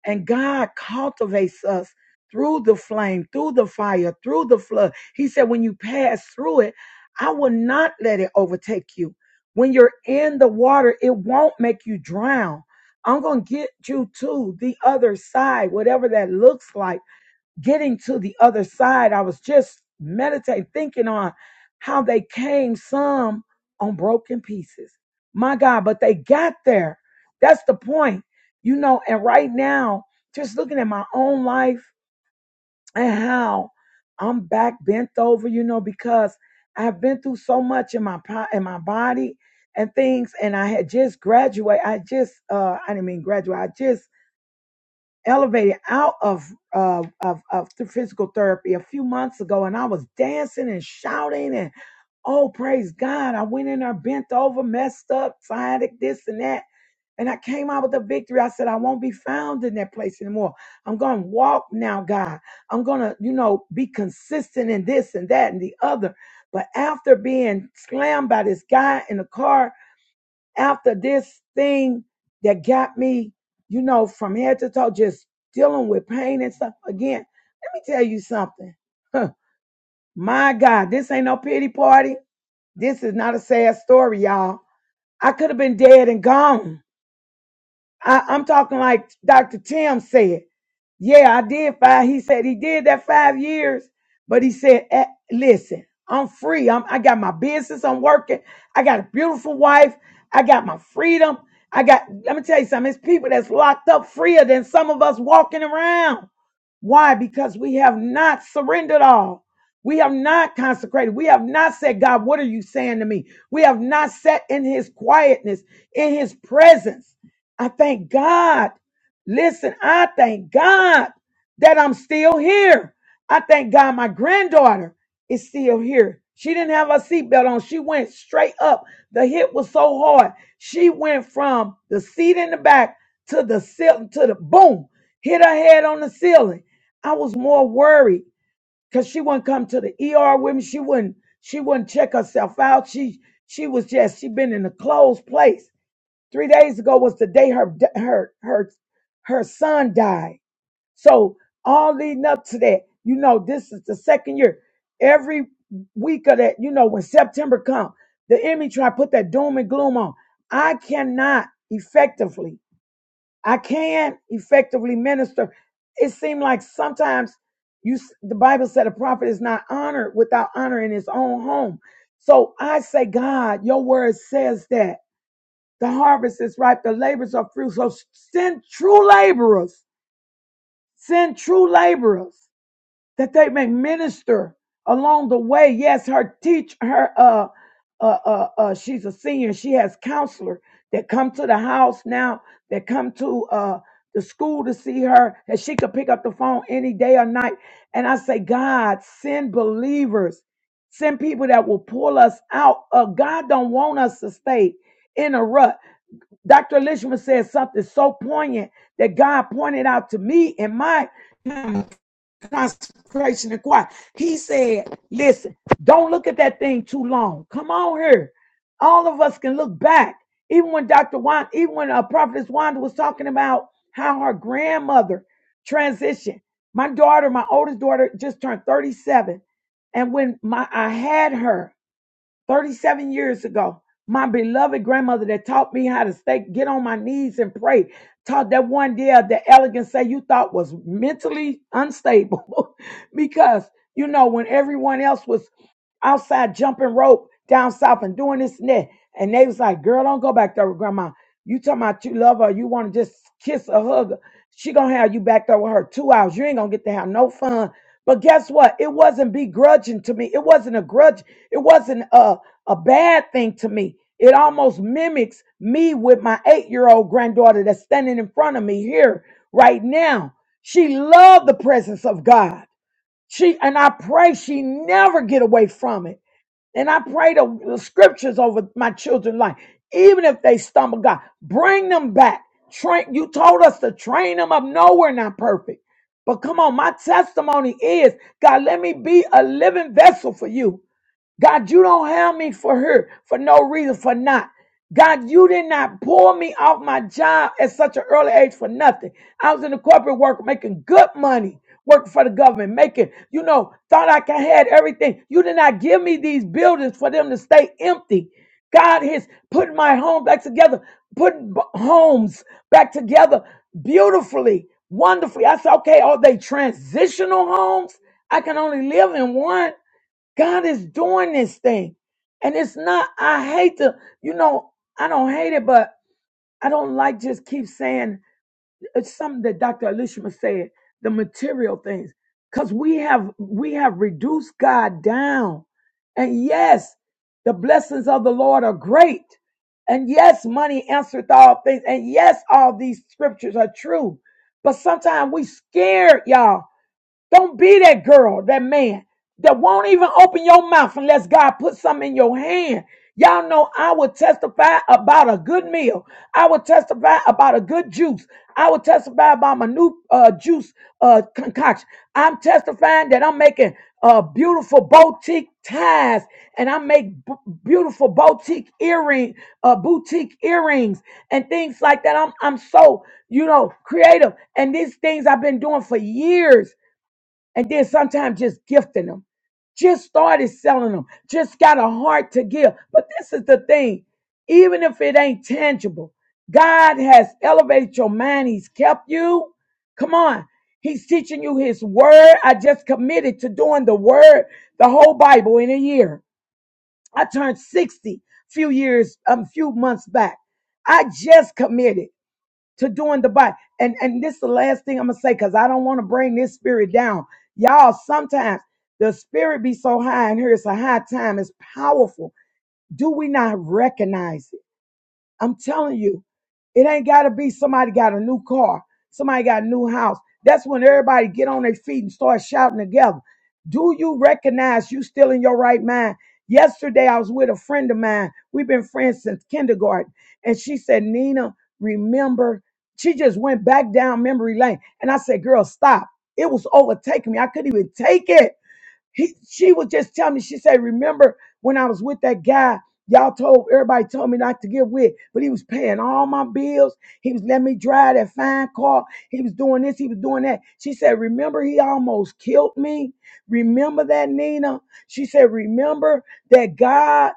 [SPEAKER 5] and God cultivates us through the flame, through the fire, through the flood. He said, When you pass through it, I will not let it overtake you. When you're in the water, it won't make you drown. I'm going to get you to the other side, whatever that looks like getting to the other side, I was just meditating, thinking on how they came some on broken pieces. My God, but they got there. That's the point, you know. And right now, just looking at my own life and how I'm back bent over, you know, because I've been through so much in my po- in my body and things, and I had just graduated. I just, uh, I didn't mean graduate. I just elevated out of uh, of of the physical therapy a few months ago, and I was dancing and shouting and oh praise God! I went in there bent over, messed up, sciatic this and that, and I came out with a victory. I said I won't be found in that place anymore. I'm gonna walk now, God. I'm gonna you know be consistent in this and that and the other. But after being slammed by this guy in the car after this thing that got me, you know, from head to toe, just dealing with pain and stuff. Again, let me tell you something. Huh, My God, this ain't no pity party. This is not a sad story, y'all. I could have been dead and gone. I, I'm talking like Dr. Tim said. Yeah, I did five. He said he did that five years, but he said, "Eh, listen, I'm free. I'm, I got my business. I'm working. I got a beautiful wife. I got my freedom. I got, let me tell you something. It's people that's locked up freer than some of us walking around. Why? Because we have not surrendered all. We have not consecrated. We have not said, God, what are you saying to me? We have not sat in his quietness, in his presence. I thank God. Listen, I thank God that I'm still here. I thank God my granddaughter is still here. She didn't have her seatbelt on. She went straight up. The hit was so hard. She went from the seat in the back to the ceiling, to the boom, hit her head on the ceiling I was more worried because she wouldn't come to the ER with me. She wouldn't she wouldn't check herself out. She she was just she been in a closed place. Three days ago was the day her her her her son died. So all leading up to that, you know, this is the second year. Every week of that, you know, when September come, the enemy try to put that doom and gloom on. I cannot effectively. I can't effectively minister. It seemed like sometimes you s- the Bible said a prophet is not honored without honor in his own home. So I say, God, your word says that the harvest is ripe, the labors are few. So send true laborers, send true laborers that they may minister along the way. Yes, her teach her uh uh uh, uh she's a senior. She has counselor that come to the house now, that come to uh the school to see her, that she could pick up the phone any day or night. And I say, God, send believers, send people that will pull us out. Uh, God don't want us to stay in a rut. Dr. Lishman said something so poignant that God pointed out to me in my consecration and quiet. He said, listen, don't look at that thing too long. Come on here. All of us can look back. Even when Dr. Wanda, even when uh, Prophetess Wanda was talking about how her grandmother transitioned. My daughter, my oldest daughter, just turned 37. And when my I had her, 37 years ago, my beloved grandmother that taught me how to stay, get on my knees and pray, taught that one day of the elegant say you thought was mentally unstable because, you know, when everyone else was outside jumping rope down south and doing this and that, and they was like, girl, don't go back there with grandma. You talking about you love her, you want to just kiss or hug her. She gonna have you back there with her two hours. You ain't gonna get to have no fun. But guess what? It wasn't begrudging to me. It wasn't a grudge. It wasn't uh a bad thing to me. It almost mimics me with my eight year old granddaughter that's standing in front of me here right now. She loved the presence of God. She and I pray she never get away from it. And I pray the, the scriptures over my children's life, even if they stumble, God, bring them back. Train you told us to train them up. No, we're not perfect. But come on, my testimony is God, let me be a living vessel for you. God, you don't have me for her for no reason, for not. God, you did not pull me off my job at such an early age for nothing. I was in the corporate work making good money, working for the government, making, you know, thought I could had everything. You did not give me these buildings for them to stay empty. God has put my home back together, putting b- homes back together beautifully, wonderfully. I said, okay, are they transitional homes? I can only live in one. God is doing this thing. And it's not, I hate to, you know, I don't hate it, but I don't like just keep saying it's something that Dr. Elishma said, the material things. Cause we have we have reduced God down. And yes, the blessings of the Lord are great. And yes, money answereth all things. And yes, all these scriptures are true. But sometimes we scared, y'all. Don't be that girl, that man that won't even open your mouth unless God puts something in your hand. Y'all know I would testify about a good meal. I would testify about a good juice. I would testify about my new uh, juice uh, concoction. I'm testifying that I'm making uh, beautiful boutique ties and I make b- beautiful boutique earring, uh, boutique earrings and things like that. I'm, I'm so, you know, creative. And these things I've been doing for years and then sometimes just gifting them. Just started selling them. Just got a heart to give. But this is the thing, even if it ain't tangible, God has elevated your mind. He's kept you. Come on. He's teaching you his word. I just committed to doing the word, the whole Bible in a year. I turned 60 few years, um, few months back. I just committed to doing the body. And and this is the last thing I'm gonna say because I don't want to bring this spirit down. Y'all, sometimes the spirit be so high, and here it's a high time, it's powerful. Do we not recognize it? I'm telling you, it ain't got to be somebody got a new car, somebody got a new house. That's when everybody get on their feet and start shouting together. Do you recognize you still in your right mind? Yesterday, I was with a friend of mine. We've been friends since kindergarten. And she said, Nina, remember, she just went back down memory lane. And I said, girl, stop. It was overtaking me. I couldn't even take it. He, she was just telling me, she said, remember when I was with that guy, y'all told, everybody told me not to get with, but he was paying all my bills. He was letting me drive that fine car. He was doing this, he was doing that. She said, remember he almost killed me? Remember that, Nina? She said, remember that God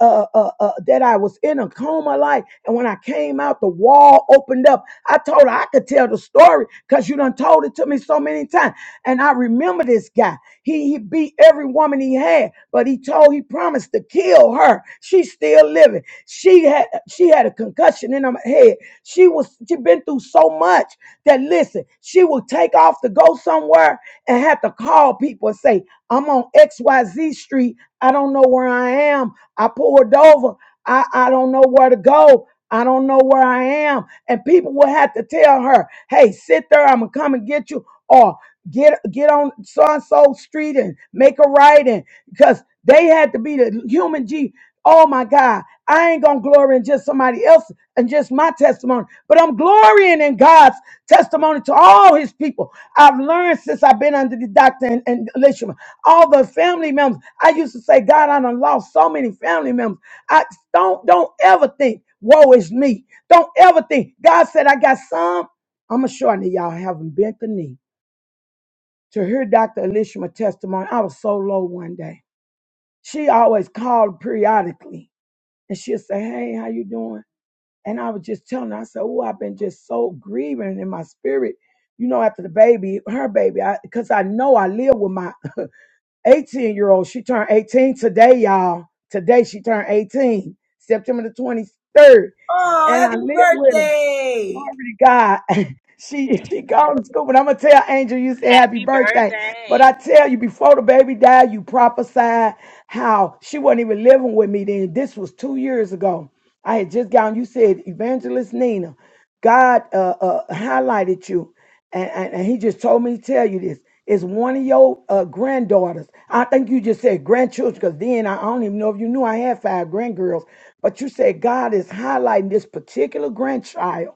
[SPEAKER 5] uh, uh, uh, that I was in a coma like. And when I came out, the wall opened up. I told her I could tell the story because you done told it to me so many times. And I remember this guy. He, he beat every woman he had, but he told, he promised to kill her. She's still living. She had, she had a concussion in her head. She was, she been through so much that listen, she would take off to go somewhere and have to call people and say, I'm on XYZ street. I don't know where I am I poured over. I, I don't know where to go. I don't know where I am. And people will have to tell her, hey, sit there, I'm gonna come and get you, or get get on so and so street and make a right and because they had to be the human G. Oh my God, I ain't gonna glory in just somebody else and just my testimony, but I'm glorying in God's testimony to all his people. I've learned since I've been under the doctor and, and Elishama, all the family members. I used to say, God, I done lost so many family members. I don't don't ever think, woe is me. Don't ever think. God said, I got some. I'm sure that y'all haven't bent the knee. To hear Dr. Elishma's testimony, I was so low one day. She always called periodically and she'd say, Hey, how you doing? And I was just telling her, I said, Oh, I've been just so grieving in my spirit. You know, after the baby, her baby, because I, 'cause I know I live with my 18 year old. She turned 18 today, y'all. Today she turned 18, September the 23rd. And I live with her. Glory
[SPEAKER 1] Birthday!
[SPEAKER 5] to God. She she gone to school, but I'm gonna tell Angel you say happy
[SPEAKER 4] Happy
[SPEAKER 5] birthday. But
[SPEAKER 4] birthday.
[SPEAKER 5] I tell you, before the baby died, you prophesied how she wasn't even living with me then. This was two years ago. I had just gotten. You said Evangelist Nina, God uh, uh, highlighted you, and, and and He just told me to tell you this. It's one of your uh, granddaughters. I think you just said grandchildren, because then I I don't even know if you knew I had five grandgirls. But you said God is highlighting this particular grandchild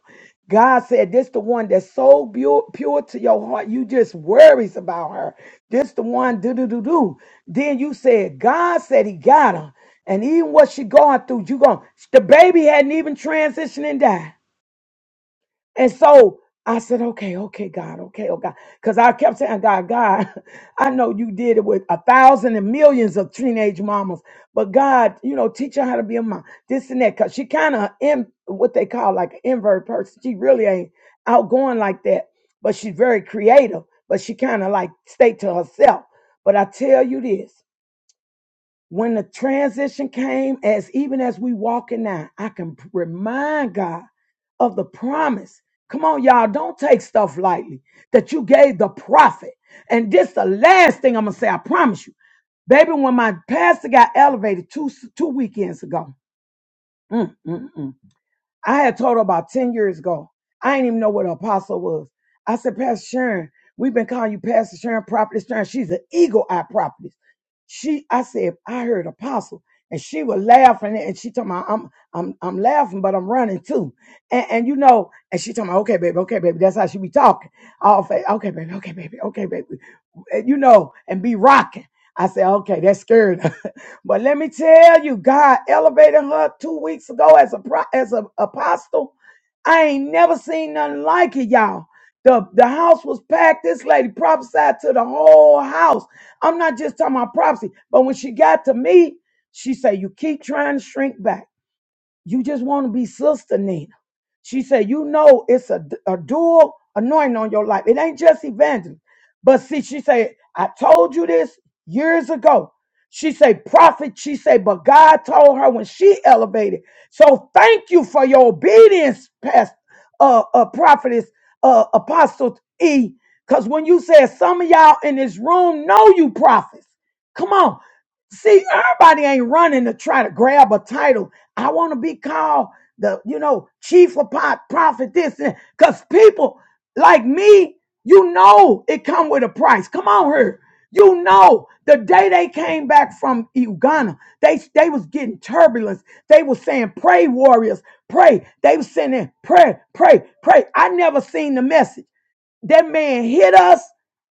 [SPEAKER 5] God said, This the one that's so pure, pure to your heart, you just worries about her. This the one, do do do do. Then you said, God said he got her. And even what she going through, you going the baby hadn't even transitioned and died. And so I said, okay, okay, God, okay, oh God. Because I kept saying, God, God, I know you did it with a thousand and millions of teenage mamas, but God, you know, teach her how to be a mom, this and that. Because she kind of in what they call like an invert person. She really ain't outgoing like that, but she's very creative, but she kind of like stay to herself. But I tell you this. When the transition came, as even as we walking now, I can remind God of the promise. Come on, y'all, don't take stuff lightly that you gave the prophet. And this the last thing I'm gonna say. I promise you, baby. When my pastor got elevated two two weekends ago, mm, mm, mm. I had told her about 10 years ago. I didn't even know what an apostle was. I said, Pastor Sharon, we've been calling you Pastor Sharon, Prophetess Sharon. She's an eagle eye prophetess. She, I said, I heard apostle. And she was laughing and she told me, I'm I'm I'm laughing, but I'm running too. And, and you know, and she told me, okay, baby, okay, baby. That's how she be talking. All fa- okay, baby, okay, baby, okay, baby and, you know, and be rocking. I said, okay, that's scary. but let me tell you, God elevated her two weeks ago as a pro- as an apostle. I ain't never seen nothing like it, y'all. The, the house was packed. This lady prophesied to the whole house. I'm not just talking about prophecy, but when she got to me, she said, You keep trying to shrink back. You just want to be Sister Nina. She said, You know, it's a, a dual anointing on your life. It ain't just evangelism. But see, she said, I told you this years ago. She said, Prophet, she said, but God told her when she elevated. So thank you for your obedience, Pastor, uh, uh, Prophetess, uh, Apostle E. Because when you said some of y'all in this room know you prophets, come on. See, everybody ain't running to try to grab a title I want to be called the, you know, chief of pot, prophet, this, and because people like me, you know, it come with a price. Come on here. You know, the day they came back from Uganda, they they was getting turbulence. They was saying, "Pray, warriors, pray." They was sending, "Pray, pray, pray." I never seen the message. That man hit us.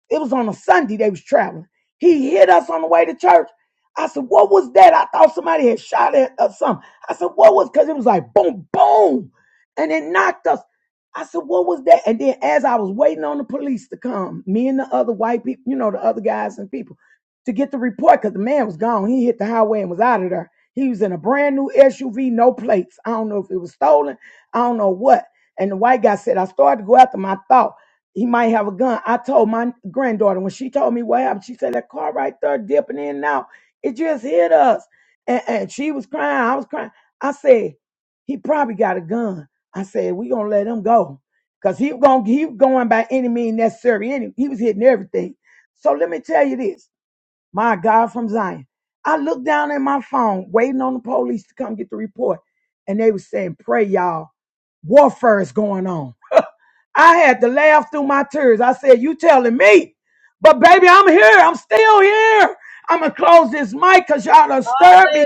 [SPEAKER 5] It was on a Sunday they was traveling. He hit us on the way to church. I said, what was that? I thought somebody had shot at us something. I said, what was because it was like boom, boom. And it knocked us. I said, what was that? And then as I was waiting on the police to come, me and the other white people, you know, the other guys and people, to get the report, because the man was gone. He hit the highway and was out of there. He was in a brand new SUV, no plates. I don't know if it was stolen. I don't know what. And the white guy said, I started to go after my thought he might have a gun. I told my granddaughter when she told me what happened, she said that car right there dipping in and out. It just hit us. And, and she was crying. I was crying. I said, he probably got a gun. I said, we gonna let him go. Cause he going he was going by any means necessary. Any he was hitting everything. So let me tell you this, my God from Zion. I looked down at my phone, waiting on the police to come get the report, and they was saying, pray y'all, warfare is going on. I had to laugh through my tears. I said, You telling me? But baby, I'm here. I'm still here. I'm going to close this mic because y'all done stirred me.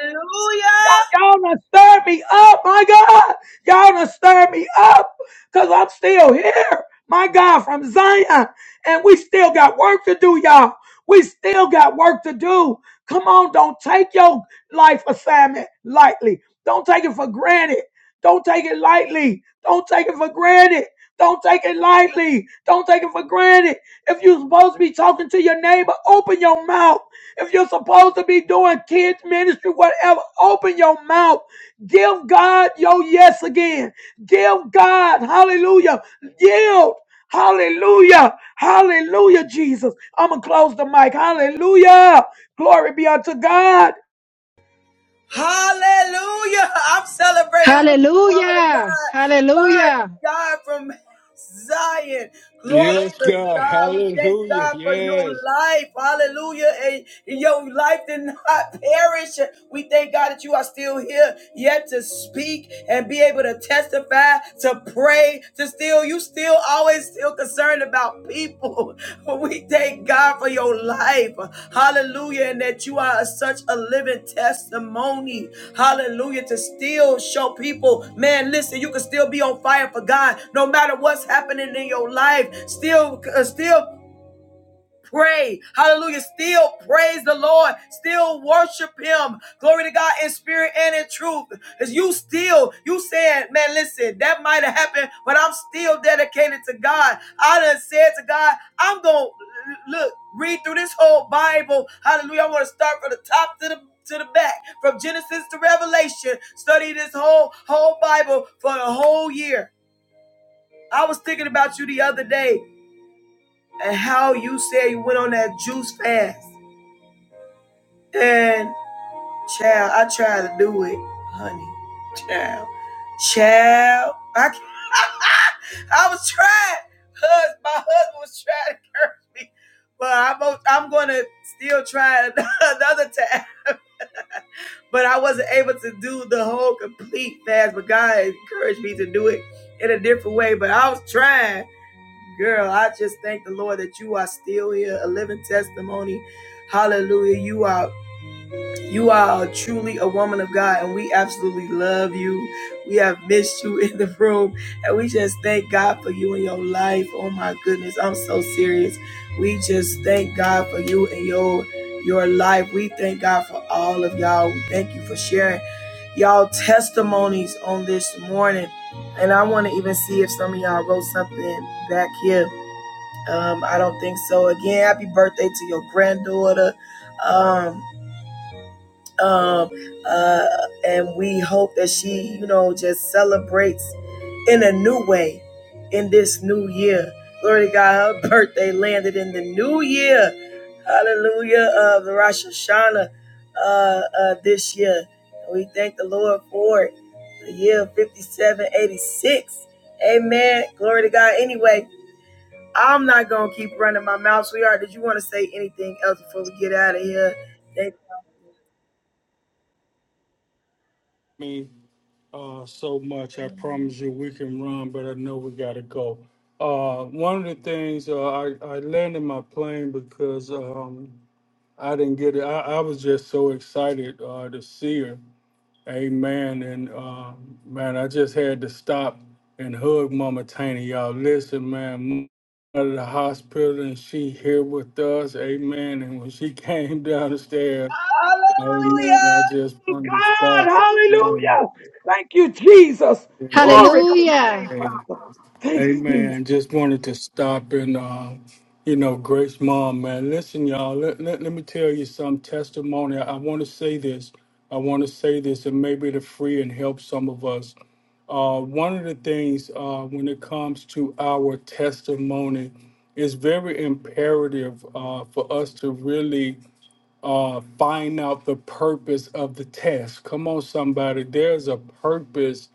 [SPEAKER 5] Y'all done stirred me up, my God. Y'all done stirred me up because I'm still here, my God, from Zion. And we still got work to do, y'all. We still got work to do. Come on, don't take your life assignment lightly. Don't take it for granted. Don't take it lightly. Don't take it for granted. Don't take it lightly. Don't take it for granted. If you're supposed to be talking to your neighbor, open your mouth. If you're supposed to be doing kids ministry, whatever, open your mouth. Give God your yes again. Give God, hallelujah, yield. Hallelujah. Hallelujah, Jesus. I'm going to close the mic. Hallelujah. Glory be unto God.
[SPEAKER 1] Hallelujah! I'm celebrating with you, woman of God. First God from Zion. Glory
[SPEAKER 2] Yes,
[SPEAKER 1] to
[SPEAKER 2] God.
[SPEAKER 1] God. We thank
[SPEAKER 2] Hallelujah.
[SPEAKER 1] God for
[SPEAKER 2] Yes.
[SPEAKER 1] your life. Hallelujah. And your life did not perish. We thank God that you are still here yet to speak and be able to testify, to pray, to still, you still always still concerned about people. We thank God for your life. Hallelujah. And that you are such a living testimony. Hallelujah. To still show people, man, listen, you can still be on fire for God no matter what's happening in your life. Still, uh, still pray. Hallelujah. Still praise the Lord. Still worship him. Glory to God in spirit and in truth. Because you still, you said, man, listen, that might have happened, but I'm still dedicated to God. I done said to God, I'm going to look, read through this whole Bible. Hallelujah. I want to start from the top to the to the back from Genesis to Revelation, study this whole whole Bible for a whole year. I was thinking about you the other day and how you said you went on that juice fast. And child, I try to do it, honey. Child, child, I I was trying. Hus, my husband was trying to curse me, but I'm i I'm gonna still try another time. But I wasn't able to do the whole complete fast. But God encouraged me to do it in a different way. But I was trying, girl. I just thank the Lord that you are still here, a living testimony. Hallelujah! You are you are truly a woman of God, and we absolutely love you. We have missed you in the room, and we just thank God for you and your life. Oh my goodness, I'm so serious. We just thank God for you and your your life. We thank God for all of y'all. We thank you for sharing y'all testimonies on this morning. And I want to even see if some of y'all wrote something back here. Um, I don't think so. Again, happy birthday to your granddaughter. Um, um, uh, and we hope that she, you know, just celebrates in a new way in this new year. Glory to God, her birthday landed in the new year. Hallelujah of the Rosh Hashanah uh, uh, this year. And we thank the Lord for it. The year 5786. Amen. Glory to God. Anyway, I'm not going to keep running my mouth, sweetheart. Did you want to say anything else before we get out of here? Thank-
[SPEAKER 2] I mean, uh, so much. I promise you we can run, but I know we got to go. Uh, one of the things uh, I, I landed my plane because um, I didn't get it. I, I was just so excited uh, to see her. Amen. And uh, man, I just had to stop and hug Mama Tiny. Y'all, listen, man out of the hospital and she here with us, amen. And when she came down the stairs,
[SPEAKER 1] you.
[SPEAKER 2] Amen.
[SPEAKER 1] Hallelujah.
[SPEAKER 2] I just wanted to
[SPEAKER 5] God,
[SPEAKER 2] stop. And,
[SPEAKER 5] hallelujah. Thank you, Jesus.
[SPEAKER 2] and just,
[SPEAKER 5] Glory to your name,
[SPEAKER 3] Hallelujah.
[SPEAKER 2] man.
[SPEAKER 5] Father. Thank you, Jesus.
[SPEAKER 2] Amen. Just wanted to stop and, uh, you know, Grace Mom, man. Listen, y'all, let, let, let me tell you some testimony. I, want to say this. I want to say this, and maybe it'll free and help some of us. Uh, one of the things uh, when it comes to our testimony, it's very imperative uh, for us to really uh, find out the purpose of the test. Come on, somebody. There's a purpose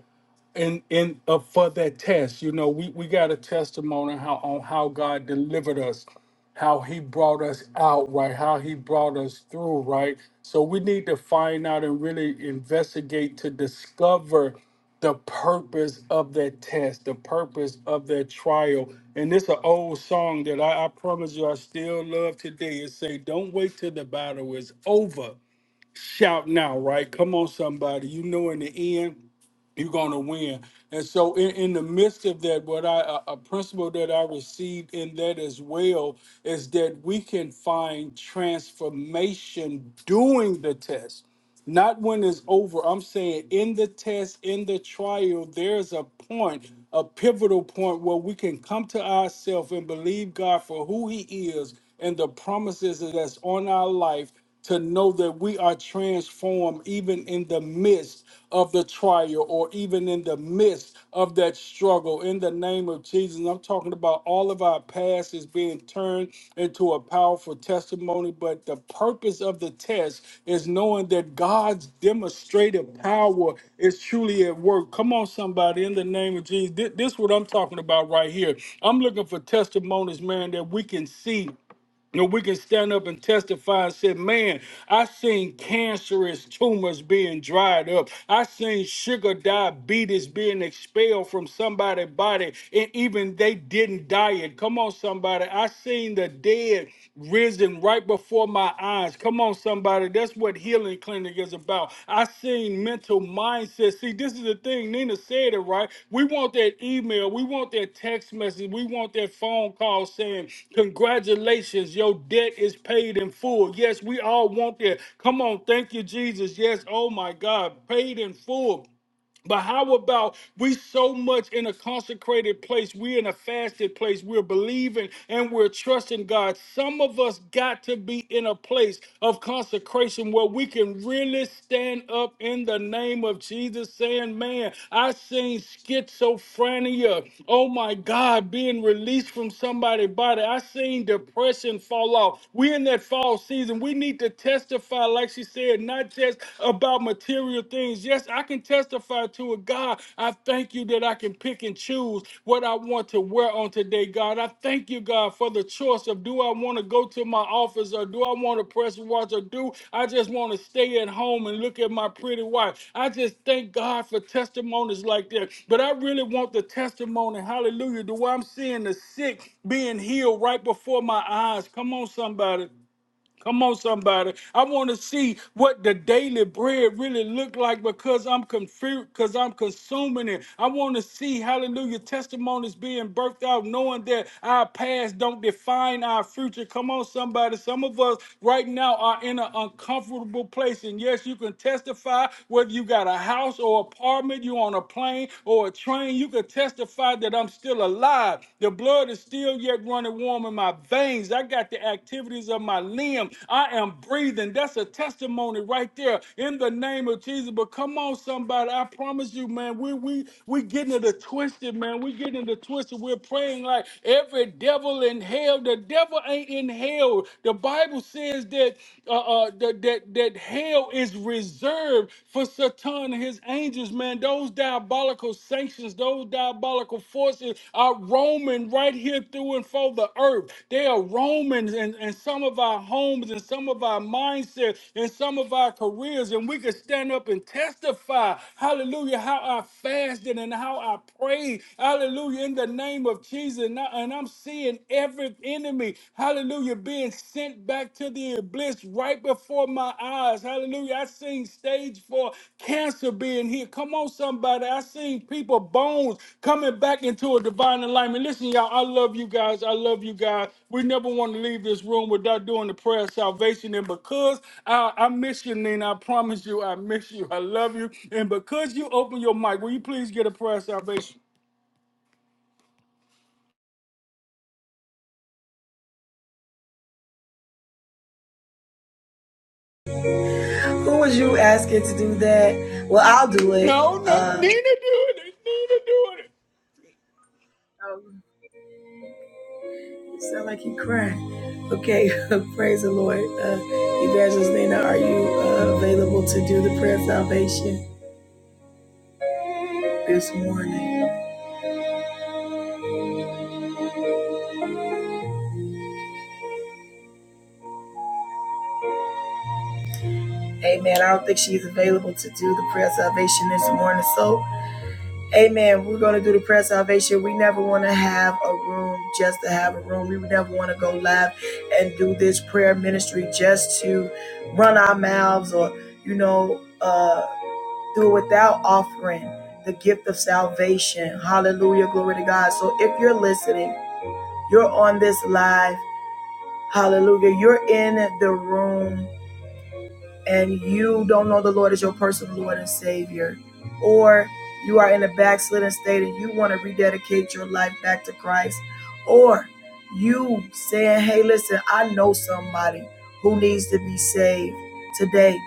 [SPEAKER 2] in in uh, for that test you know we we got a testimony how on how god delivered us how he brought us out right how he brought us through right so we need to find out and really investigate to discover the purpose of that test the purpose of that trial and it's an old song that I, I promise you i still love today it say don't wait till the battle is over shout now, right? Come on, somebody. You know, in the end, you're going to win. And so, in, in the midst of that, what I a a principle that I received in that as well is that we can find transformation doing the test. Not when it's over. I'm saying in the test, in the trial, there's a point, a pivotal point where we can come to ourselves and believe God for who He is and the promises that's on our life to know that we are transformed even in the midst of the trial or even in the midst of that struggle in the name of Jesus. I'm talking about all of our past is being turned into a powerful testimony, but the purpose of the test is knowing that God's demonstrative power is truly at work. Come on, somebody, in the name of Jesus. Thi- This is what I'm talking about right here. I'm looking for testimonies, man, that we can see and we can stand up and testify and say, man, I seen cancerous tumors being dried up. I seen sugar diabetes being expelled from somebody's body, and even they didn't diet. Come on, somebody. I seen the dead risen right before my eyes. Come on, somebody. That's what what Healing Clinic is about. I seen mental mindset. See, this is the thing. Nina said it right. We want that email. We want that text message. We want that phone call saying, "Congratulations, your debt is paid in full." Yes, we all want that. Come on, thank you, Jesus. Yes, oh my God, paid in full. But how about we so much in a consecrated place, we're in a fasted place, we're believing and we're trusting God. Some of us got to be in a place of consecration where we can really stand up in the name of Jesus, saying, Man, I seen schizophrenia. Oh my God, being released from somebody's body. I seen depression fall off. We're in that fall season. We need to testify, like she said, not contest about material things. Yes, I can testify to it, God. I thank you that I can pick and choose what I want to wear on today, God. I thank you, God, for the choice of do I want to go to my office or do I want to press watch or do I just want to stay at home and look at my pretty wife. I just thank God for testimonies like that. But I really want the testimony, hallelujah, to where I'm seeing the sick being healed right before my eyes. Come on, somebody. Come on, somebody. I want to see what the daily bread really look like because I'm confused, because I'm consuming it. I want to see, hallelujah, testimonies being birthed out, knowing that our past don't define our future. Come on, somebody. Some of us right now are in an uncomfortable place. And yes, you can testify whether you got a house or apartment, you're on a plane or a train. You can testify that I'm still alive still alive. The blood is still yet running warm in my veins. I got the activities of my limb. I am breathing. That's a testimony right there in the name of Jesus. But come on, somebody. I promise you, man, we we we getting it a twisted, man. We getting it a twisted. We're praying like every devil in hell. The devil ain't in hell. The Bible says that uh, uh that, that that hell is reserved for Satan and his angels, man, those diabolical sanctions, those diabolical forces are roaming right here through and for the earth. They are roaming in, in some of our homes and some of our mindsets and some of our careers. And we can stand up and testify, hallelujah, how I fasted and how I prayed, hallelujah, in the name of Jesus. And, I, and I'm seeing every enemy, hallelujah, being sent back to the abyss right before my eyes. Hallelujah. I seen stage four cancer being here. Come on, somebody. I seen people bones coming back into a divine alignment. Listen, y'all, I love you guys. I love you guys. We never want to leave this room without doing the prayer of salvation. And because I, I miss you, Nina, I promise you, I miss you. I love you. And because you open your mic, will you please get a prayer of salvation?
[SPEAKER 1] Who was you asking to do that? Well, I'll do it.
[SPEAKER 2] No, no, Nina doing
[SPEAKER 1] Uh,
[SPEAKER 2] it. Nina doing it.
[SPEAKER 1] you sound like you crying. Okay, praise the Lord. Uh, Evangelist Nina, are you uh, available to do the prayer of salvation this morning? Amen. I don't think she's available to do the prayer of salvation this morning. So, amen. We're going to do the prayer of salvation. We never want to have a room just to have a room. We never want to go live and do this prayer ministry just to run our mouths or, you know, uh, through without offering the gift of salvation. Hallelujah. Glory to God. So if you're listening, you're on this live. Hallelujah. You're in the room and you don't know the Lord as your personal Lord and Savior, or you are in a backslidden state and you want to rededicate your life back to Christ, or you saying, Hey, listen, I know somebody who needs to be saved today,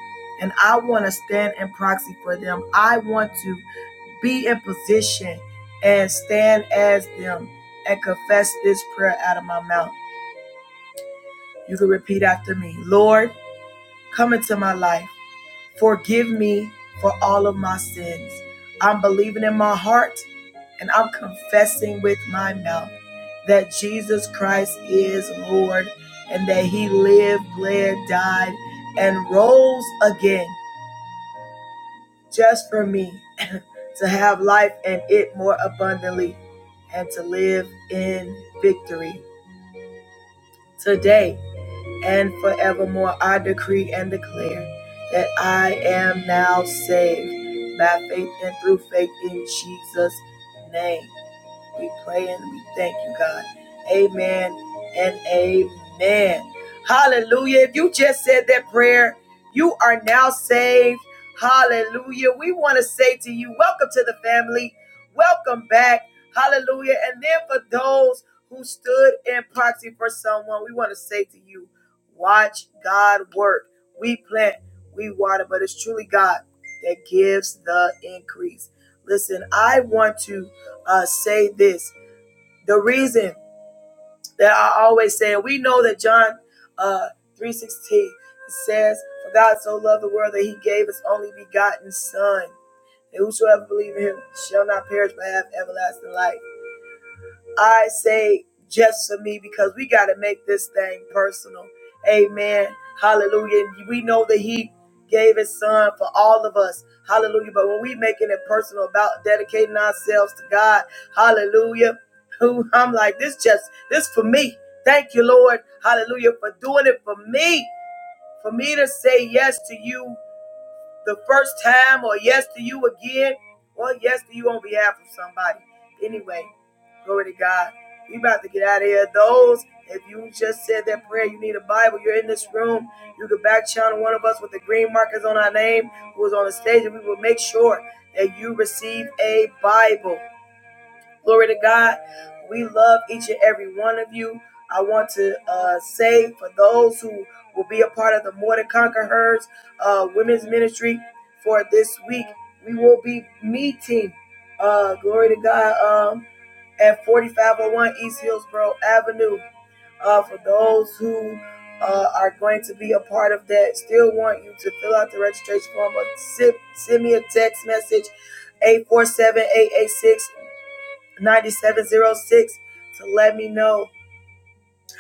[SPEAKER 1] and I want to stand in proxy for them. I want to be in position and stand as them and confess this prayer out of my mouth. You can repeat after me Lord, come into my life. Forgive me for all of my sins. I'm believing in my heart and I'm confessing with my mouth that Jesus Christ is Lord and that he lived, bled, died, and rose again just for me. to have life and it more abundantly, and to live in victory. Today and forevermore, I decree and declare that I am now saved by faith and through faith in Jesus' name. We pray and we thank you, God. Amen and amen. Hallelujah. If you just said that prayer, you are now saved. Hallelujah. We want to say to you, welcome to the family. Welcome back. Hallelujah. And then for those who stood in proxy for someone, we want to say to you, watch God work. We plant, we water, but it's truly God that gives the increase. Listen, I want to uh, say this. The reason that I always say, we know that John uh, 3.16 says, For God so loved the world that he gave his only begotten son, and whosoever believes in him shall not perish but have everlasting life. I say just for me because we got to make this thing personal. Amen. Hallelujah. And We know that He gave His Son for all of us. Hallelujah. But when we making it personal about dedicating ourselves to God, Hallelujah. Who I'm like this just this for me. Thank you, Lord. Hallelujah for doing it for me. For me to say yes to you the first time or yes to you again or yes to you on behalf of somebody. Anyway, glory to God. We about to get out of here. Those, if you just said that prayer, you need a Bible, you're in this room, you can back channel one of us with the green markers on our name who is on the stage, and we will make sure that you receive a Bible. Glory to God. We love each and every one of you. I want to uh, say for those who will be a part of the More Than Conquer Herds uh, Women's Ministry for this week, we will be meeting, uh, glory to God, um, at 4501 East Hillsboro Avenue. Uh, for those who uh, are going to be a part of that, still want you to fill out the registration form or send, send me a text message eight four seven eight eight six 9706 to let me know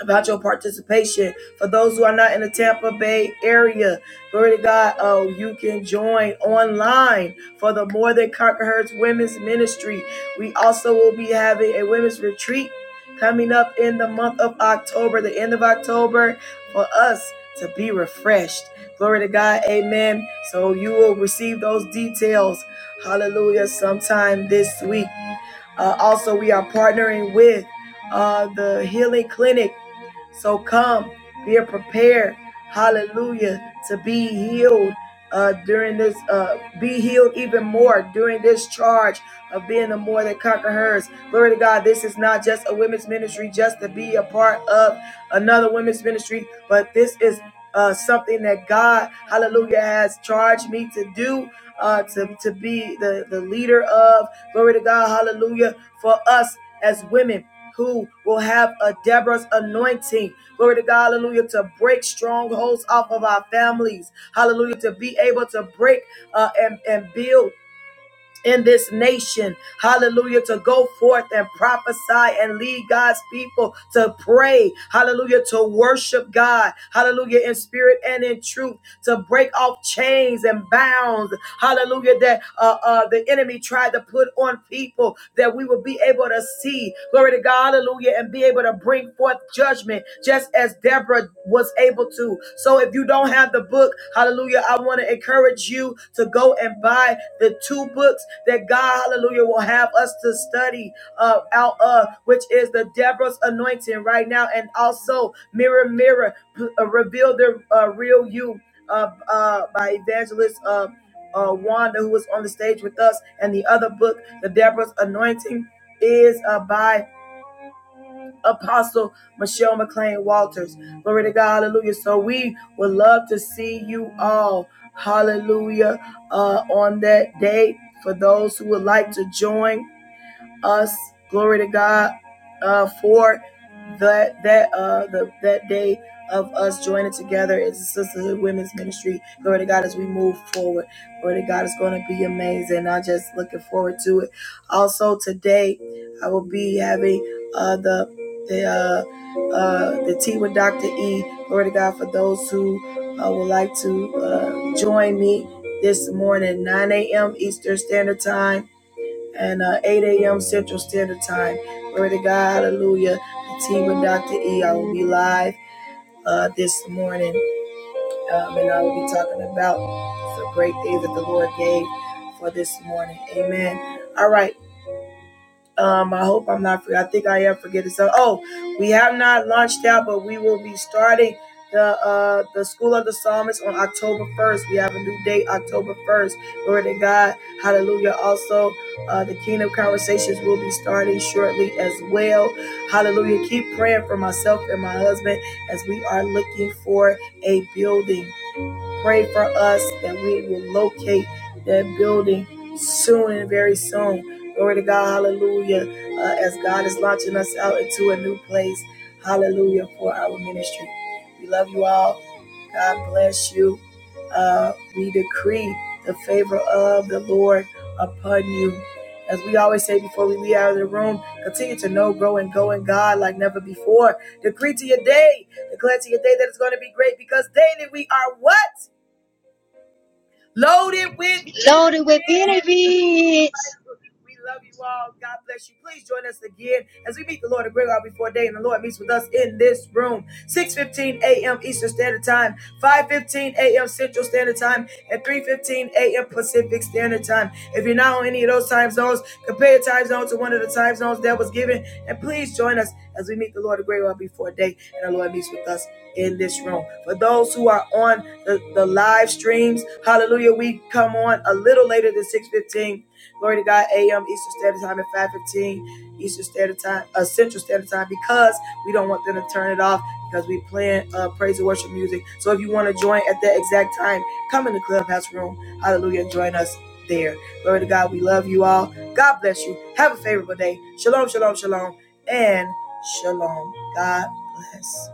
[SPEAKER 1] about your participation. For those who are not in the Tampa Bay area, glory to God, oh, you can join online for the More Than Conquer Hurts Women's Ministry. We also will be having a women's retreat coming up in the month of October, the end of October, for us to be refreshed. Glory to God, amen. So you will receive those details, hallelujah, sometime this week. Uh, also, we are partnering with uh, the Healing Clinic. So come, be prepared. Hallelujah. To be healed uh, during this, uh, be healed even more during this charge of being the more than conquerors. Glory to God. This is not just a women's ministry, just to be a part of another women's ministry, but this is. Uh, something that God, hallelujah, has charged me to do, uh, to, to be the, the leader of. Glory to God. Hallelujah. For us as women who will have a Deborah's anointing. Glory to God. Hallelujah. To break strongholds off of our families. Hallelujah. To be able to break uh, and, and build. In this nation, hallelujah, to go forth and prophesy and lead God's people to pray, hallelujah, to worship God, hallelujah, in spirit and in truth, to break off chains and bounds, hallelujah, that uh, uh, the enemy tried to put on people that we will be able to see. Glory to God, hallelujah, and be able to bring forth judgment just as Deborah was able to. So if you don't have the book, hallelujah, I want to encourage you to go and buy the two books that God, hallelujah, will have us to study uh, out of, which is the Deborah's anointing right now, and also Mirror, Mirror, P- uh, Reveal the uh, Real You uh, uh, by Evangelist. Uh, uh, Wanda, who was on the stage with us, and the other book the Deborah's anointing is uh, by Apostle Michelle McLean Walters. Glory to God. Hallelujah. So we would love to see you all. Hallelujah. Uh, on that day, for those who would like to join us, glory to God, uh, for that that uh the that day of us joining together as a sisterhood women's ministry. Glory to God as we move forward. Glory to God it's going to be amazing. I'm just looking forward to it. Also today I will be having uh the the uh uh the tea with Dr. E. Glory to God for those who uh, would like to uh join me this morning, 9 a.m. Eastern Standard Time and uh, 8 a.m. Central Standard Time. Glory to God, hallelujah. The team with Dr. E, I will be live uh, this morning, um, and I will be talking about the great day that the Lord gave for this morning. Amen. All right. Um, I hope I'm not forget. I think I am forgetting. So, oh, we have not launched out, but we will be starting the uh the School of the Psalmist on October 1st. We have a new date, October 1st. Glory to God. Hallelujah. Also, uh, the Kingdom Conversations will be starting shortly as well. Hallelujah. Keep praying for myself and my husband as we are looking for a building. Pray for us that we will locate that building soon, and very soon. Glory to God, hallelujah. Uh, as God is launching us out into a new place, hallelujah, for our ministry. We love you all. God bless you. Uh, we decree the favor of the Lord upon you. As we always say before we leave out of the room, continue to know, grow, and go in God like never before. Decree to your day, declare to your day that it's going to be great because daily we are what? loaded with
[SPEAKER 3] Loaded with
[SPEAKER 1] bitterness.
[SPEAKER 3] benefits.
[SPEAKER 1] We love you all. God bless you. Please join us again as we meet the Lord and Great out before day, and the Lord meets with us in this room. 6:15 a.m. Eastern Standard Time, 5:15 a.m. Central Standard Time, and 3:15 a.m. Pacific Standard Time. If you're not on any of those time zones, compare your time zone to one of the time zones that was given, and please join us as we meet the Lord and Great out before day, and the Lord meets with us in this room. For those who are on the, the live streams, hallelujah, we come on a little later than 6:15 Glory to God, AM Eastern Standard Time at 515 Eastern Standard Time, uh, Central Standard Time, because we don't want them to turn it off because we playing uh, praise and worship music. So if you want to join at that exact time, come in the clubhouse room. Hallelujah. And join us there. Glory to God. We love you all. God bless you. Have a favorable day. Shalom, shalom, shalom, and shalom. God bless.